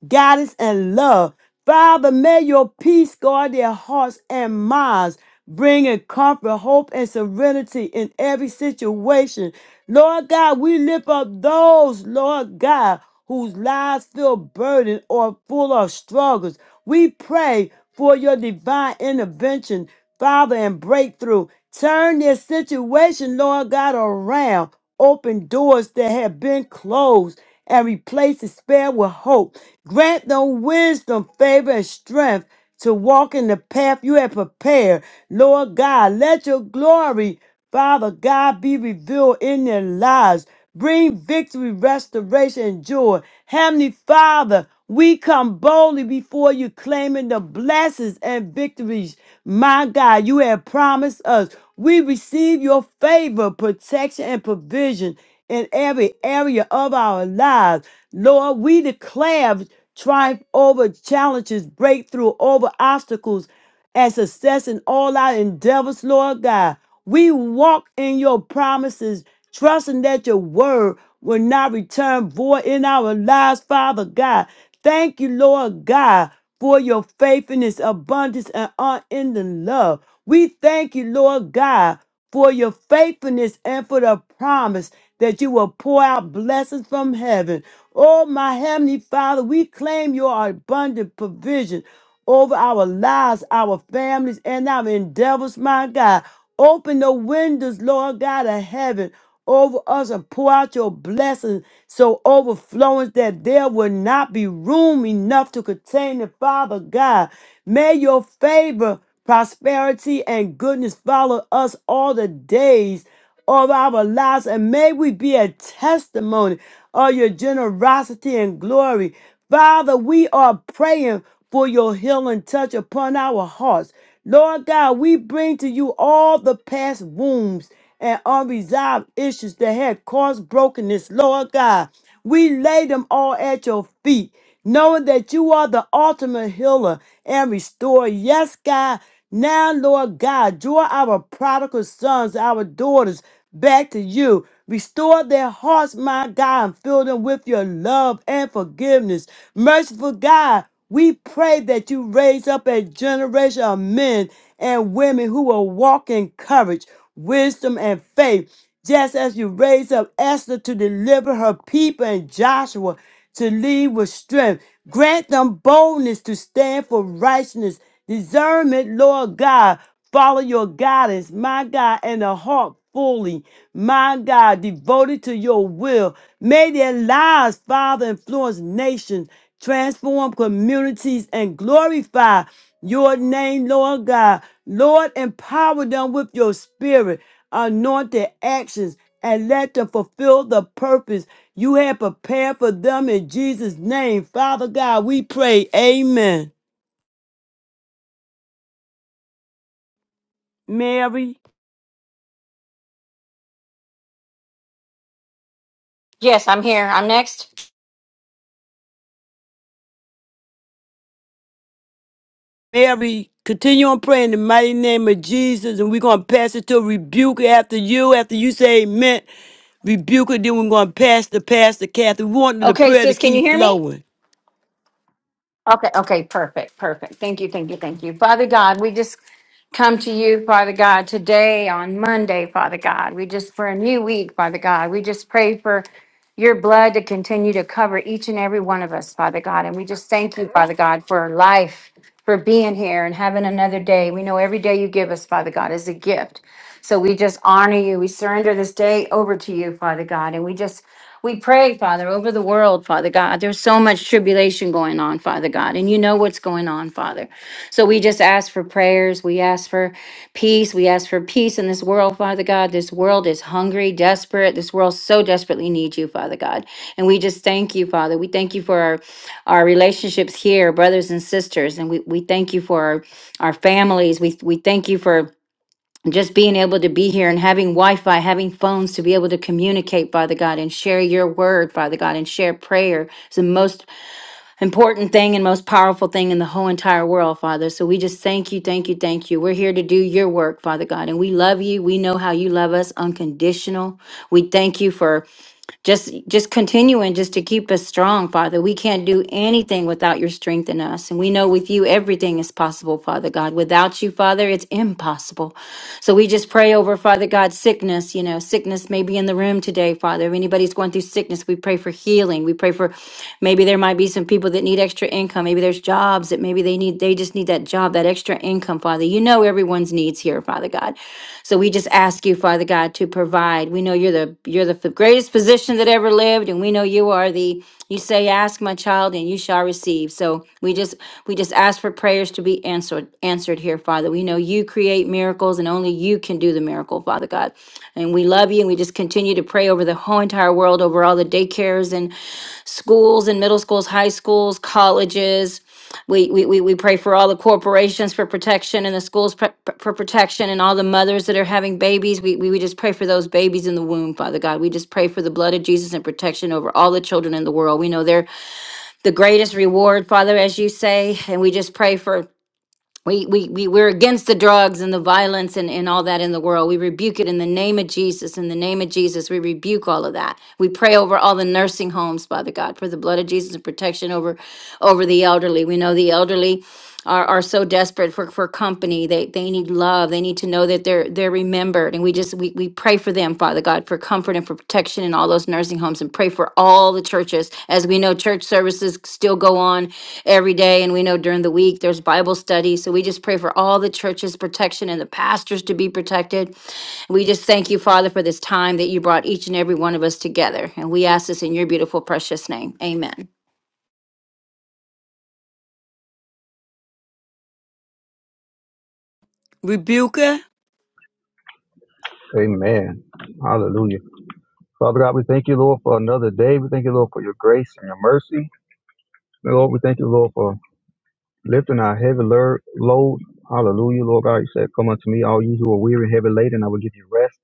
S1: guidance and love. Father, may your peace guard their hearts and minds, bringing comfort, hope, and serenity in every situation. Lord God, we lift up those, Lord God, whose lives feel burdened or full of struggles. We pray for your divine intervention, Father, and breakthrough. Turn their situation, Lord God, around. Open doors that have been closed and replace despair with hope. Grant them wisdom, favor, and strength to walk in the path you have prepared. Lord God, let your glory Father God, be revealed in their lives. Bring victory, restoration, and joy. Heavenly Father, we come boldly before you, claiming the blessings and victories. My God, you have promised us. We receive your favor, protection, and provision in every area of our lives. Lord, we declare triumph over challenges, breakthrough over obstacles, and success in all our endeavors, Lord God. We walk in your promises, trusting that your word will not return void in our lives, Father God. Thank you, Lord God, for your faithfulness, abundance, and unending love. We thank you, Lord God, for your faithfulness and for the promise that you will pour out blessings from heaven. Oh, my heavenly Father, we claim your abundant provision over our lives, our families, and our endeavors, my God. Open the windows, Lord God of heaven, over us and pour out your blessings so overflowing that there will not be room enough to contain it, Father God. May your favor, prosperity, and goodness follow us all the days of our lives, and may we be a testimony of your generosity and glory. Father, we are praying for your healing touch upon our hearts. Lord God, we bring to you all the past wounds and unresolved issues that had caused brokenness. Lord God, we lay them all at your feet, knowing that you are the ultimate healer and restorer. Yes, God. Now, Lord God, draw our prodigal sons, our daughters back to you. Restore their hearts, my God, and fill them with your love and forgiveness. Merciful God, we pray that you raise up a generation of men and women who will walk in courage, wisdom, and faith just as you raised up Esther to deliver her people and Joshua to lead with strength. Grant them boldness to stand for righteousness, discernment, Lord God. Follow your guidance, my God, and a heart fully, my God, devoted to your will. May their lives, Father, influence nations, transform communities, and glorify your name, Lord God. Lord, empower them with your spirit anoint their actions, and let them fulfill the purpose you have prepared for them in Jesus' name. Father God, we pray. Amen. Mary,
S4: Yes, I'm here. I'm next.
S1: Mary, continue on praying in the mighty name of Jesus, and we're going to pass it to rebuke after you, after you say amen. Rebuke it, then we're going to pass the pastor, Kathy. We want the
S4: Okay,
S1: prayer to
S4: sis, can you
S1: keep
S4: hear me?
S1: flowing.
S4: Okay, okay, perfect, perfect. Thank you, thank you, thank you. Father God, we just come to you, Father God, today on Monday, Father God. We just, for a new week, Father God, we just pray for. your blood to continue to cover each and every one of us, Father God. And we just thank you, Father God, for life, for being here and having another day. We know every day you give us, Father God, is a gift. So we just honor you. We surrender this day over to you, Father God. And we just we pray, Father, over the world, Father God. There's so much tribulation going on, Father God. And you know what's going on, Father. So we just ask for prayers. We ask for peace. We ask for peace in this world, Father God. This world is hungry, desperate. This world so desperately needs you, Father God. And we just thank you, Father. We thank you for our, our relationships here, brothers and sisters. And we, we thank you for our, our families. We, we thank you for just being able to be here and having Wi-Fi, having phones to be able to communicate, Father God, and share your word, Father God, and share prayer. It's the most important thing and most powerful thing in the whole entire world, Father. So we just thank you, thank you, thank you. We're here to do your work, Father God. And we love you. We know how you love us unconditional. We thank you for just just continuing just to keep us strong father we can't do anything without your strength in us and we know with you everything is possible father god without you father it's impossible so we just pray over father god sickness you know sickness may be in the room today father if anybody's going through sickness we pray for healing we pray for maybe there might be some people that need extra income maybe there's jobs that maybe they need they just need that job that extra income father you know everyone's needs here, Father God. So we just ask you, Father God, to provide. We know you're the you're the greatest physician that ever lived, and we know you are the you say, "Ask my child, and you shall receive." So we just we just ask for prayers to be answered answered here, Father. We know you create miracles, and only you can do the miracle, Father God. And we love you, and we just continue to pray over the whole entire world, over all the daycares and schools and middle schools, high schools, colleges. We, we, we, we pray for all the corporations for protection and the schools pre- pre- for protection and all the mothers that are having babies. We, we, we just pray for those babies in the womb, Father God. We just pray for the blood of Jesus and protection over all the children in the world. We know they're the greatest reward, Father, as you say. And we just pray for we, we, we, we're against the drugs and the violence and, and all that in the world. We rebuke it in the name of Jesus. In the name of Jesus, we rebuke all of that. We pray over all the nursing homes, Father God, for the blood of Jesus and protection over, over the elderly. We know the elderly are, are so desperate for, for company. They, they need love. They need to know that they're, they're remembered. And we just, we, we pray for them, Father God, for comfort and for protection in all those nursing homes and pray for all the churches. As we know, church services still go on every day, and we know during the week there's Bible study. So we just pray for all the churches' protection and the pastors to be protected. We just thank you, Father, for this time that you brought each and every one of us together. And we ask this in your beautiful, precious name. Amen.
S1: Rebuke her.
S5: Amen. Hallelujah. Father God, we thank you, Lord, for another day. We thank you, Lord, for your grace and your mercy. Lord, we thank you, Lord, for lifting our heavy lur- load. Hallelujah, Lord God. You said, Come unto me, all you who are weary and heavy laden, and I will give you rest.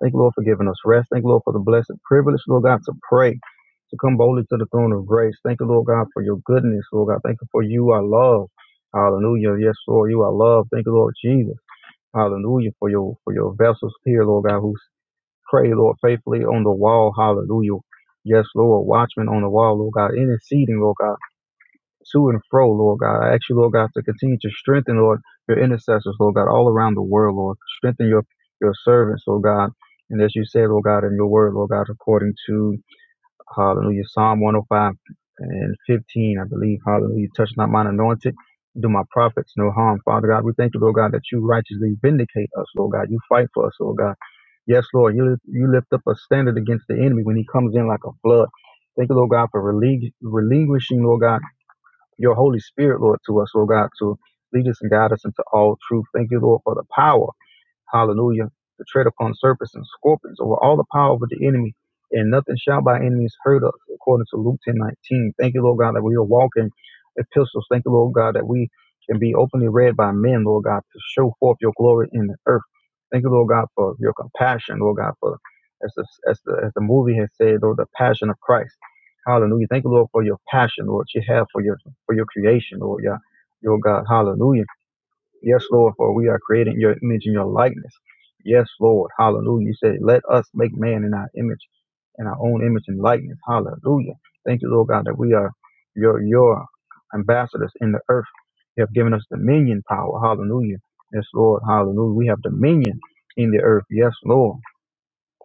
S5: Thank you, Lord, for giving us rest. Thank you, Lord, for the blessed privilege, Lord God, to pray, to come boldly to the throne of grace. Thank you, Lord God, for your goodness, Lord God. Thank you for you, our love. Hallelujah. Yes, Lord, you are love. Thank you, Lord Jesus. Hallelujah for your for your vessels here, Lord God, who Pray, Lord, faithfully on the wall. Hallelujah. Yes, Lord. Watchmen on the wall, Lord God. Interceding, Lord God. To and fro, Lord God. I ask you, Lord God, to continue to strengthen, Lord, your intercessors, Lord God, all around the world, Lord. Strengthen your, your servants, Lord God. And as you said, Lord God, in your word, Lord God, according to Hallelujah. Psalm 105 and 15, I believe. Hallelujah. Touch not mine anointed. Do my prophets no harm. Father God, we thank you, Lord God, that you righteously vindicate us, Lord God. You fight for us, Lord God. Yes, Lord, you lift, you lift up a standard against the enemy when he comes in like a flood. Thank you, Lord God, for relinqu- relinquishing, Lord God, your Holy Spirit, Lord, to us, Lord God, to lead us and guide us into all truth. Thank you, Lord, for the power. Hallelujah. To tread upon serpents and scorpions over all the power of the enemy, and nothing shall by enemies hurt us, according to Luke ten nineteen. Thank you, Lord God, that we are walking epistles. Thank you, Lord God, that we can be openly read by men, Lord God, to show forth your glory in the earth. Thank you, Lord God, for your compassion, Lord God, for as the, as the, as the movie has said, Lord, the passion of Christ. Hallelujah. Thank you, Lord, for your passion, Lord, you have for your for your creation, Lord, yeah. Your God, hallelujah. Yes, Lord, for we are created in your image and your likeness. Yes, Lord. Hallelujah. You said, let us make man in our image, in our own image and likeness. Hallelujah. Thank you, Lord God, that we are your your ambassadors in the earth. You have given us dominion power. Hallelujah. Yes, Lord. Hallelujah. We have dominion in the earth. Yes, Lord.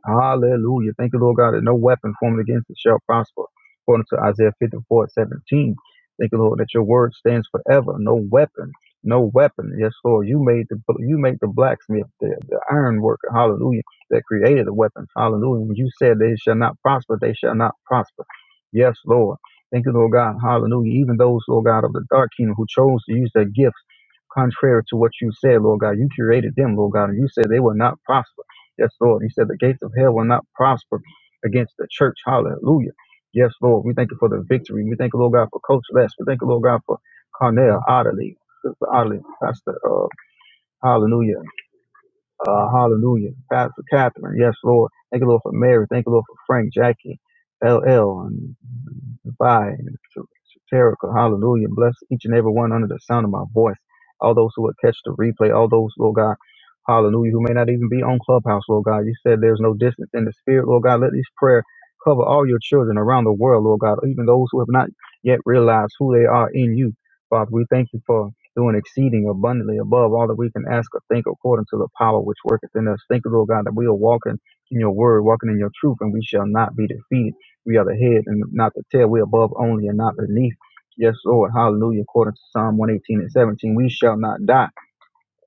S5: Hallelujah. Thank you, Lord God, that no weapon formed against us shall prosper. According to Isaiah 54 17. Thank you, Lord, that your word stands forever. No weapon. No weapon. Yes, Lord. You made the you made the blacksmith, the, the iron worker, hallelujah, that created the weapons. Hallelujah. When you said they shall not prosper, they shall not prosper. Yes, Lord. Thank you, Lord God. Hallelujah. Even those, Lord God, of the dark kingdom who chose to use their gift contrary to what you said, Lord God. You created them, Lord God, and you said they will not prosper. Yes, Lord. You said the gates of hell will not prosper against the church. Hallelujah. Yes, Lord. We thank you for the victory. We thank you, Lord God, for Coach Les. We thank you, Lord God, for Carnell Otterly, Sister Otterly, Pastor. Uh, hallelujah. Uh, hallelujah. Pastor Catherine. Yes, Lord. Thank you, Lord, for Mary. Thank you, Lord, for Frank, Jackie, LL, and Vi, and Terica. Hallelujah. Bless each and every one under the sound of my voice. All those who would catch the replay. All those, Lord God. Hallelujah. Who may not even be on Clubhouse, Lord God. You said there's no distance in the spirit, Lord God. Let this prayer cover all your children around the world, Lord God. Even those who have not yet realized who they are in you. Father, we thank you for doing exceeding abundantly above all that we can ask or think according to the power which worketh in us. Thank you, Lord God, that we are walking in your word, walking in your truth, and we shall not be defeated. We are the head and not the tail. We are above only and not beneath. Yes, Lord. Hallelujah. According to Psalm 118 and 17, we shall not die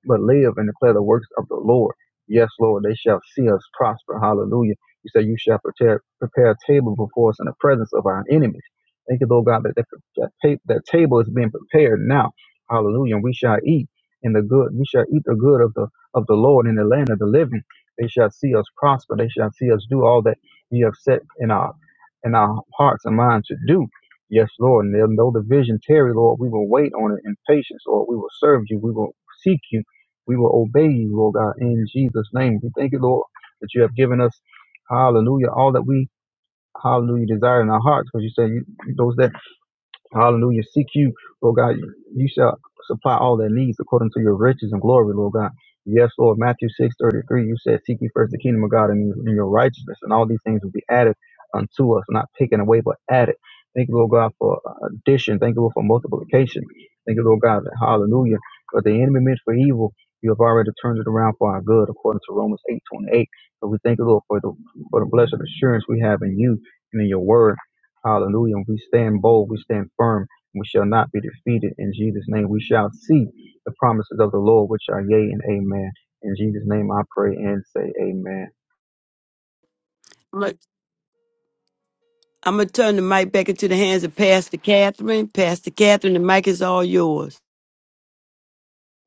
S5: but live and declare the works of the Lord. Yes, Lord, they shall see us prosper. Hallelujah. You say you shall prepare, prepare a table before us in the presence of our enemies. Thank you, Lord God, that that, that, that table is being prepared now. Hallelujah. And we shall eat in the good. We shall eat the good of the of the Lord in the land of the living. They shall see us prosper. They shall see us do all that you have set in our in our hearts and minds to do. Yes, Lord. And they'll know the vision, Terry, Lord. We will wait on it in patience, Lord. We will serve you. We will seek you we will obey you, Lord God, in Jesus' name. We thank you, Lord, that you have given us, hallelujah, all that we, hallelujah, desire in our hearts. Because you said you, those that Hallelujah. Seek you, Lord God. You shall supply all their needs according to your riches and glory, Lord God. Yes, Lord. Matthew six thirty three. you said, Seek ye first the kingdom of God and your and your righteousness, and all these things will be added unto us, not taken away, but added. Thank you, Lord God, for uh, addition. Thank you, Lord, for multiplication. Thank you, Lord God. Hallelujah. But the enemy meant for evil, you have already turned it around for our good, according to Romans eight twenty eight. So we thank you, Lord, for the, for the blessed assurance we have in you and in your word. Hallelujah. And we stand bold, we stand firm, and we shall not be defeated. In Jesus' name, we shall see the promises of the Lord, which are yea and amen. In Jesus' name, I pray and say amen.
S1: I'm gonna turn the mic back into the hands of Pastor Catherine. Pastor Catherine, the mic is all yours.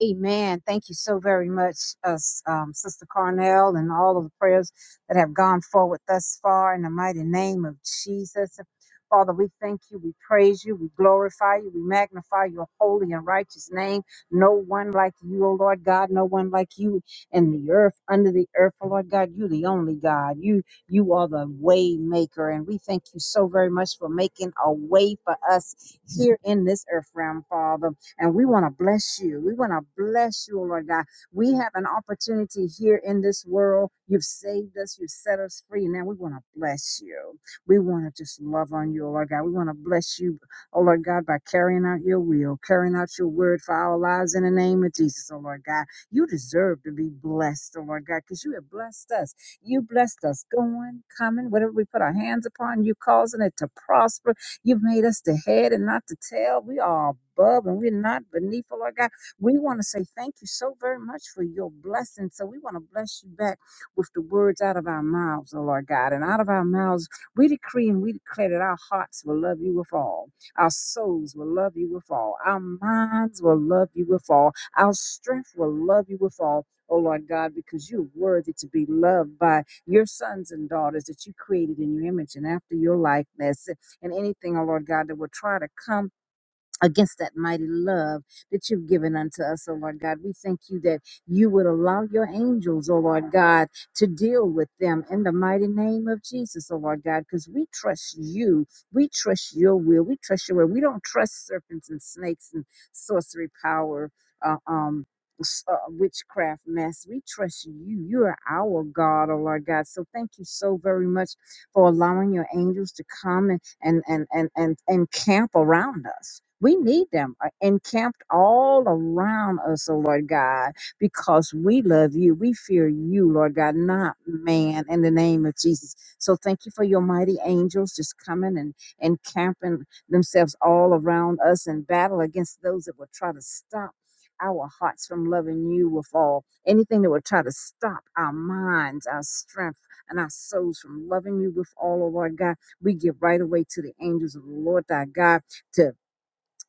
S6: Amen. Thank you so very much, us, um, Sister Carnell, and all of the prayers that have gone forward thus far in the mighty name of Jesus. Father, we thank you, we praise you, we glorify you, we magnify your holy and righteous name. No one like you, O Lord God, no one like you in the earth, under the earth, O Lord God. You the only God. You you are the way maker. And we thank you so very much for making a way for us here in this earth realm, Father. And we want to bless you. We want to bless you, Lord God. We have an opportunity here in this world. You've saved us. You've set us free. Now we want to bless you. We want to just love on you, Lord God. We want to bless you, oh Lord God, by carrying out your will, carrying out your word for our lives in the name of Jesus, oh Lord God. You deserve to be blessed, oh Lord God, because you have blessed us. You blessed us going, coming, whatever we put our hands upon, you causing it to prosper. You've made us the head and not the tail. We are above and we're not beneath, oh Lord God. We want to say thank you so very much for your blessing. So we want to bless you back with the words out of our mouths, oh Lord God. And out of our mouths, we decree and we declare that our hearts will love you with all. Our souls will love you with all. Our minds will love you with all. Our strength will love you with all. Oh Lord God, because you're worthy to be loved by your sons and daughters that you created in your image and after your likeness and anything, oh Lord God, that will try to come against that mighty love that you've given unto us, oh Lord God. We thank you that you would allow your angels, oh Lord God, to deal with them in the mighty name of Jesus, oh Lord God, because we trust you. We trust your will. We trust your word. We don't trust serpents and snakes and sorcery power. Uh, um, s- uh, witchcraft mess. We trust you. You are our God, oh Lord God. So thank you so very much for allowing your angels to come and and and and and and camp around us. We need them uh, encamped all around us, oh Lord God, because we love you. We fear you, Lord God, not man, in the name of Jesus. So thank you for your mighty angels just coming and encamping themselves all around us in battle against those that will try to stop our hearts from loving you with all anything that will try to stop our minds, our strength, and our souls from loving you with all, oh Lord God. We give right away to the angels of the Lord thy God to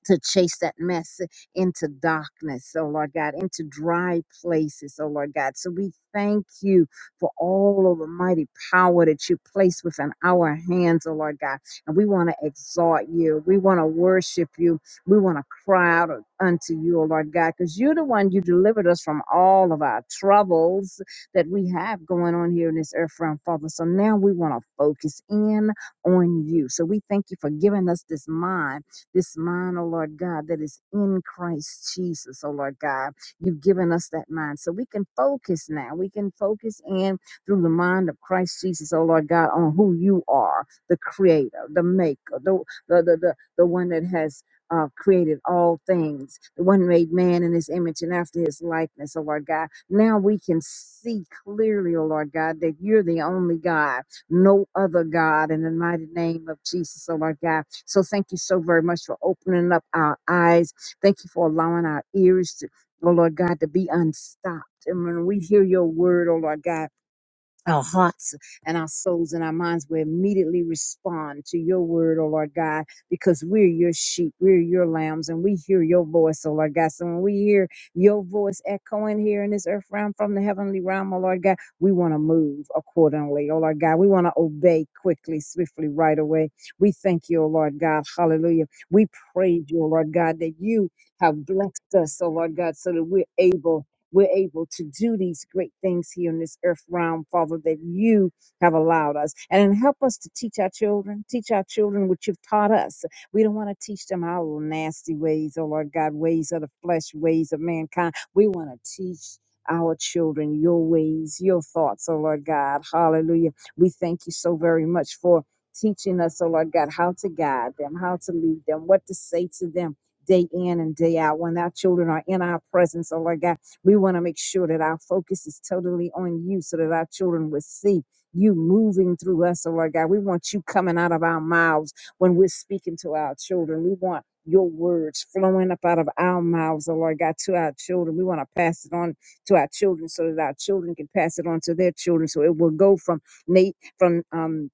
S6: to chase that mess into darkness, oh Lord God, into dry places, oh Lord God. So we thank you for all of the mighty power that you place within our hands, oh Lord God. And we want to exalt you. We want to worship you. We want to cry out unto you, oh Lord God, because you're the one you delivered us from all of our troubles that we have going on here in this earth realm, Father. So now we want to focus in on you. So we thank you for giving us this mind this mind, oh Lord God, that is in Christ Jesus, oh Lord God. You've given us that mind. So we can focus now. We can focus in through the mind of Christ Jesus, oh Lord God, on who you are, the creator, the maker, the the the the, the one that has uh, created all things, the one made man in his image and after his likeness, oh Lord God. Now we can see clearly, oh Lord God, that you're the only God no other God in the mighty name of Jesus, oh Lord God. So thank you so very much for opening up our eyes. Thank you for allowing our ears to, oh Lord God, to be unstopped. And when we hear your word, oh Lord God, our hearts and our souls and our minds will immediately respond to your word, oh Lord God, because we're your sheep, we're your lambs, and we hear your voice, oh Lord God. So when we hear your voice echoing here in this earth realm from the heavenly realm, oh Lord God, we want to move accordingly, oh Lord God. We want to obey quickly, swiftly, right away. We thank you, oh Lord God. Hallelujah. We praise you, oh Lord God, that you have blessed us, oh Lord God, so that we're able we're able to do these great things here in this earth realm, Father, that you have allowed us. And help us to teach our children, teach our children what you've taught us. We don't want to teach them our little nasty ways, oh Lord God, ways of the flesh, ways of mankind. We want to teach our children your ways, your thoughts, oh Lord God. Hallelujah. We thank you so very much for teaching us, oh Lord God, how to guide them, how to lead them, what to say to them day in and day out when our children are in our presence, oh Lord God. We want to make sure that our focus is totally on you so that our children will see you moving through us, oh Lord God. We want you coming out of our mouths when we're speaking to our children. We want your words flowing up out of our mouths, oh Lord God, to our children. We want to pass it on to our children so that our children can pass it on to their children. So it will go from Nate, from um,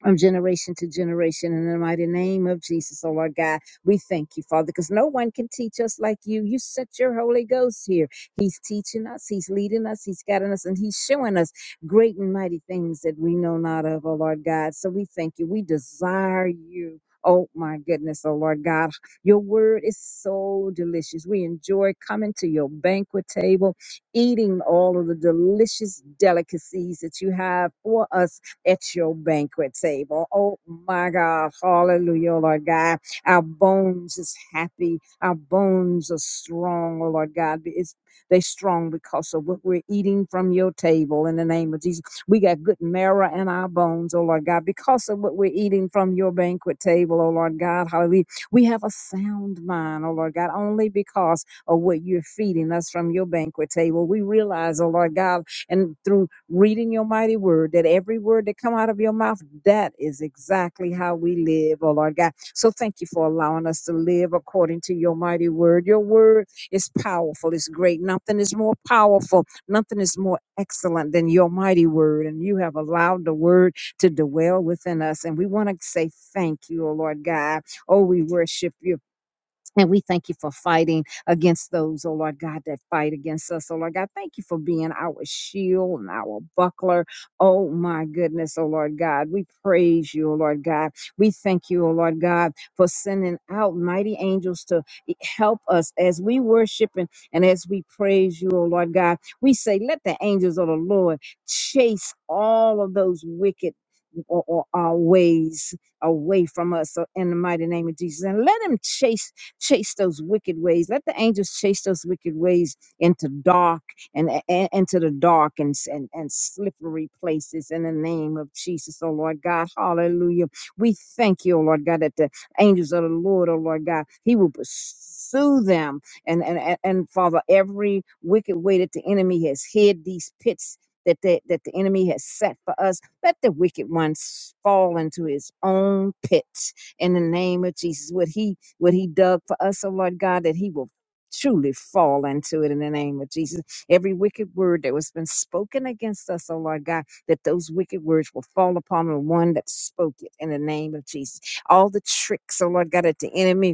S6: from generation to generation. In the mighty name of Jesus, oh Lord God, we thank you, Father, because no one can teach us like you. You sent your Holy Ghost here. He's teaching us, He's leading us, He's guiding us, and He's showing us great and mighty things that we know not of, oh Lord God. So we thank you. We desire you. Oh my goodness, oh Lord God, your word is so delicious. We enjoy coming to your banquet table, eating all of the delicious delicacies that you have for us at your banquet table. Oh my God. Hallelujah, oh Lord God. Our bones is happy. Our bones are strong, oh Lord God. It's they strong because of what we're eating from your table in the name of Jesus. We got good marrow in our bones, oh Lord God, because of what we're eating from your banquet table, oh Lord God. Hallelujah. We have a sound mind, oh Lord God, only because of what you're feeding us from your banquet table. We realize, oh Lord God, and through reading your mighty word, that every word that come out of your mouth, that is exactly how we live, oh Lord God. So thank you for allowing us to live according to your mighty word. Your word is powerful, it's great. Nothing is more powerful, nothing is more excellent than your mighty word. And you have allowed the word to dwell within us. And we want to say thank you, oh Lord God. Oh, we worship you. And we thank you for fighting against those, oh Lord God, that fight against us. Oh Lord God, thank you for being our shield and our buckler. Oh my goodness, oh Lord God. We praise you, oh Lord God. We thank you, oh Lord God, for sending out mighty angels to e- help us as we worship and, and as we praise you, oh Lord God. We say, let the angels of the Lord chase all of those wicked or, or our ways away from us uh, in the mighty name of Jesus. And let him chase Chase those wicked ways. Let the angels chase those wicked ways into dark and, and into the dark and, and and slippery places in the name of Jesus, oh Lord God. Hallelujah. We thank you, oh Lord God, that the angels of the Lord, oh Lord God, He will pursue them. And and and, and Father, every wicked way that the enemy has hid these pits. That the, that the enemy has set for us. Let the wicked one s- fall into his own pit in the name of Jesus. What he what he dug for us, oh Lord God, that he will truly fall into it in the name of Jesus. Every wicked word that was been spoken against us, oh Lord God, that those wicked words will fall upon the one that spoke it in the name of Jesus. All the tricks, oh Lord God, that the enemy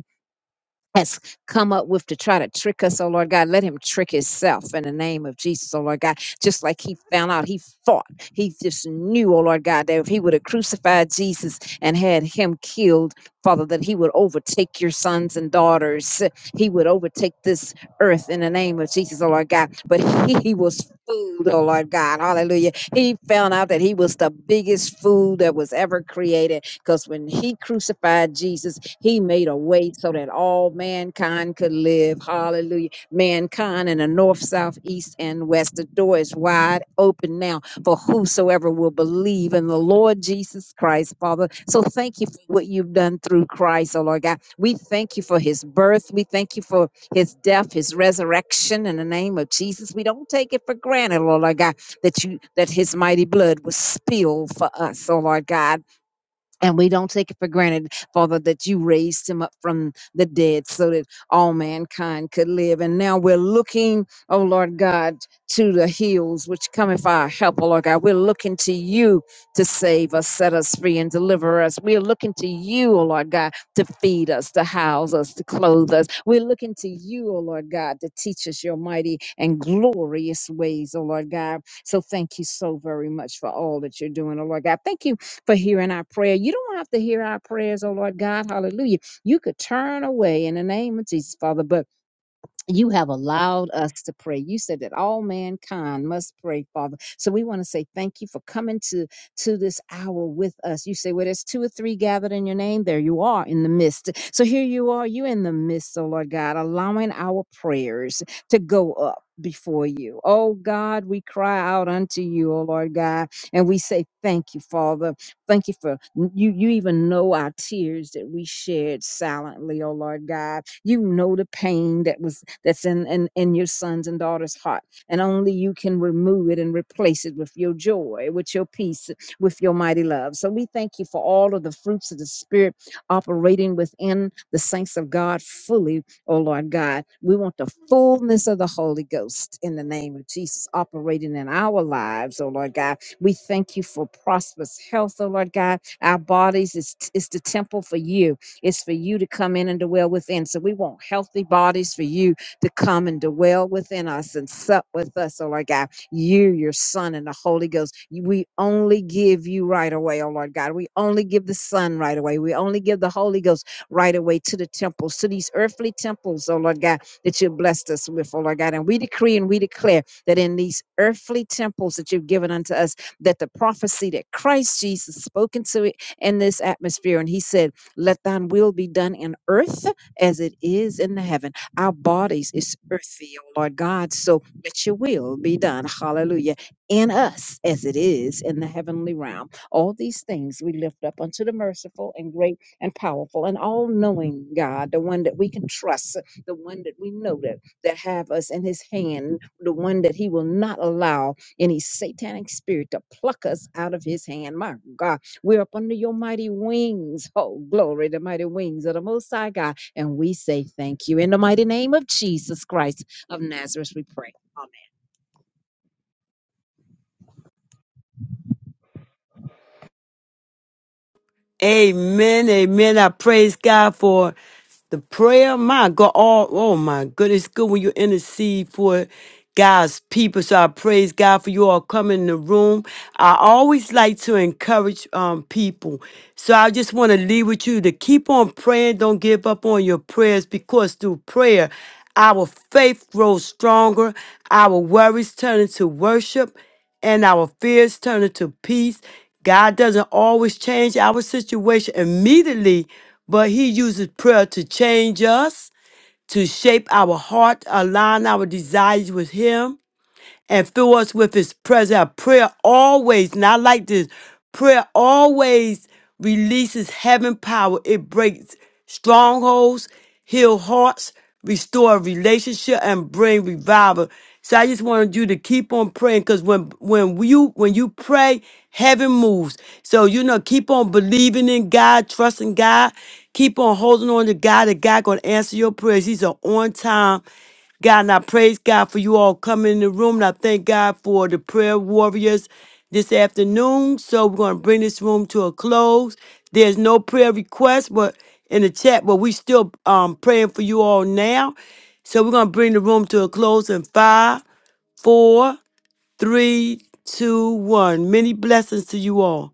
S6: has come up with to try to trick us, oh Lord God. Let him trick himself in the name of Jesus, oh Lord God. Just like he found out, he fought. He just knew, oh Lord God, that if he would have crucified Jesus and had him killed, Father, that he would overtake your sons and daughters. He would overtake this earth in the name of Jesus, oh Lord God. But he, he was fooled, oh Lord God. Hallelujah. He found out that he was the biggest fool that was ever created because when he crucified Jesus, he made a way so that all mankind could live. Hallelujah. Mankind in the north, south, east, and west. The door is wide open now for whosoever will believe in the Lord Jesus Christ, Father. So thank you for what you've done through Christ, oh Lord God. We thank you for his birth. We thank you for his death, his resurrection in the name of Jesus. We don't take it for granted, Lord, Lord God, that you that his mighty blood was spilled for us, oh Lord God. And we don't take it for granted, Father, that you raised him up from the dead so that all mankind could live. And now we're looking, oh Lord God, to the hills which cometh our help, oh Lord God. We're looking to you to save us, set us free, and deliver us. We're looking to you, oh Lord God, to feed us, to house us, to clothe us. We're looking to you, oh Lord God, to teach us your mighty and glorious ways, oh Lord God. So thank you so very much for all that you're doing, oh Lord God. Thank you for hearing our prayer. You don't have to hear our prayers, oh Lord God. Hallelujah. You could turn away in the name of Jesus, Father. But you have allowed us to pray. You said that all mankind must pray, Father. So we want to say thank you for coming to to this hour with us. You say, "Where there's two or three gathered in your name, there you are in the midst." So here you are, you in the midst, oh Lord God, allowing our prayers to go up before you. Oh God, we cry out unto you, oh Lord God, and we say thank you, Father. Thank you for you. You even know our tears that we shed silently, oh Lord God. You know the pain that was that's in, in in your sons and daughters' heart, and only you can remove it and replace it with your joy, with your peace, with your mighty love. So we thank you for all of the fruits of the Spirit operating within the saints of God fully, oh Lord God. We want the fullness of the Holy Ghost in the name of Jesus operating in our lives, oh Lord God. We thank you for prosperous health, oh Lord God. Our bodies is, is the temple for you it's for you to come in and dwell within. So we want healthy bodies for you to come and dwell within us and sup with us, oh Lord God. You, your Son, and the Holy Ghost. You- We only give you right away, oh Lord God. We only give the Son right away. We only give the Holy Ghost right away to the temples, to these earthly temples, oh Lord God, that you blessed us with, oh Lord God. And we decree and we declare that in these earthly temples that you've given unto us, that the prophecy that Christ Jesus spoke into it in this atmosphere, and he said, let thine will be done in earth as it is in heaven. Our bodies is earthy, O Lord God. So let your will be done. Hallelujah. In us as it is in the heavenly realm. All these things we lift up unto the merciful and great and powerful and all knowing God, the one that we can trust, the one that we know that, that have us in his hand, the one that he will not allow any satanic spirit to pluck us out of his hand. My God we're up under your mighty wings. Oh, glory, the mighty wings of the Most High God. And we say thank you. In the mighty name of Jesus Christ of Nazareth, we pray. Amen.
S1: Amen. Amen. I praise God for the prayer. My God. Oh, oh my goodness. Good when you intercede for God's people. So I praise God for you all coming in the room. I always like to encourage um, people. So I just want to leave with you to keep on praying. Don't give up on your prayers because through prayer, our faith grows stronger. Our worries turn into worship and our fears turn into peace. God doesn't always change our situation immediately, but He uses prayer to change us, to shape our heart, align our desires with Him and fill us with his presence. Our prayer always, and I like this, prayer always releases heaven power. It breaks strongholds, heal hearts, restore relationship, and bring revival. So I just wanted you to keep on praying because when when you when you pray, heaven moves. So you know, keep on believing in God, trusting God, keep on holding on to God that God gonna answer your prayers. He's an on time. God, and I praise God for you all coming in the room. And I thank God for the prayer warriors this afternoon. So we're going to bring this room to a close. There's no prayer request but in the chat, but we still um praying for you all now. So we're going to bring the room to a close in five, four, three, two, one. Many blessings to you all.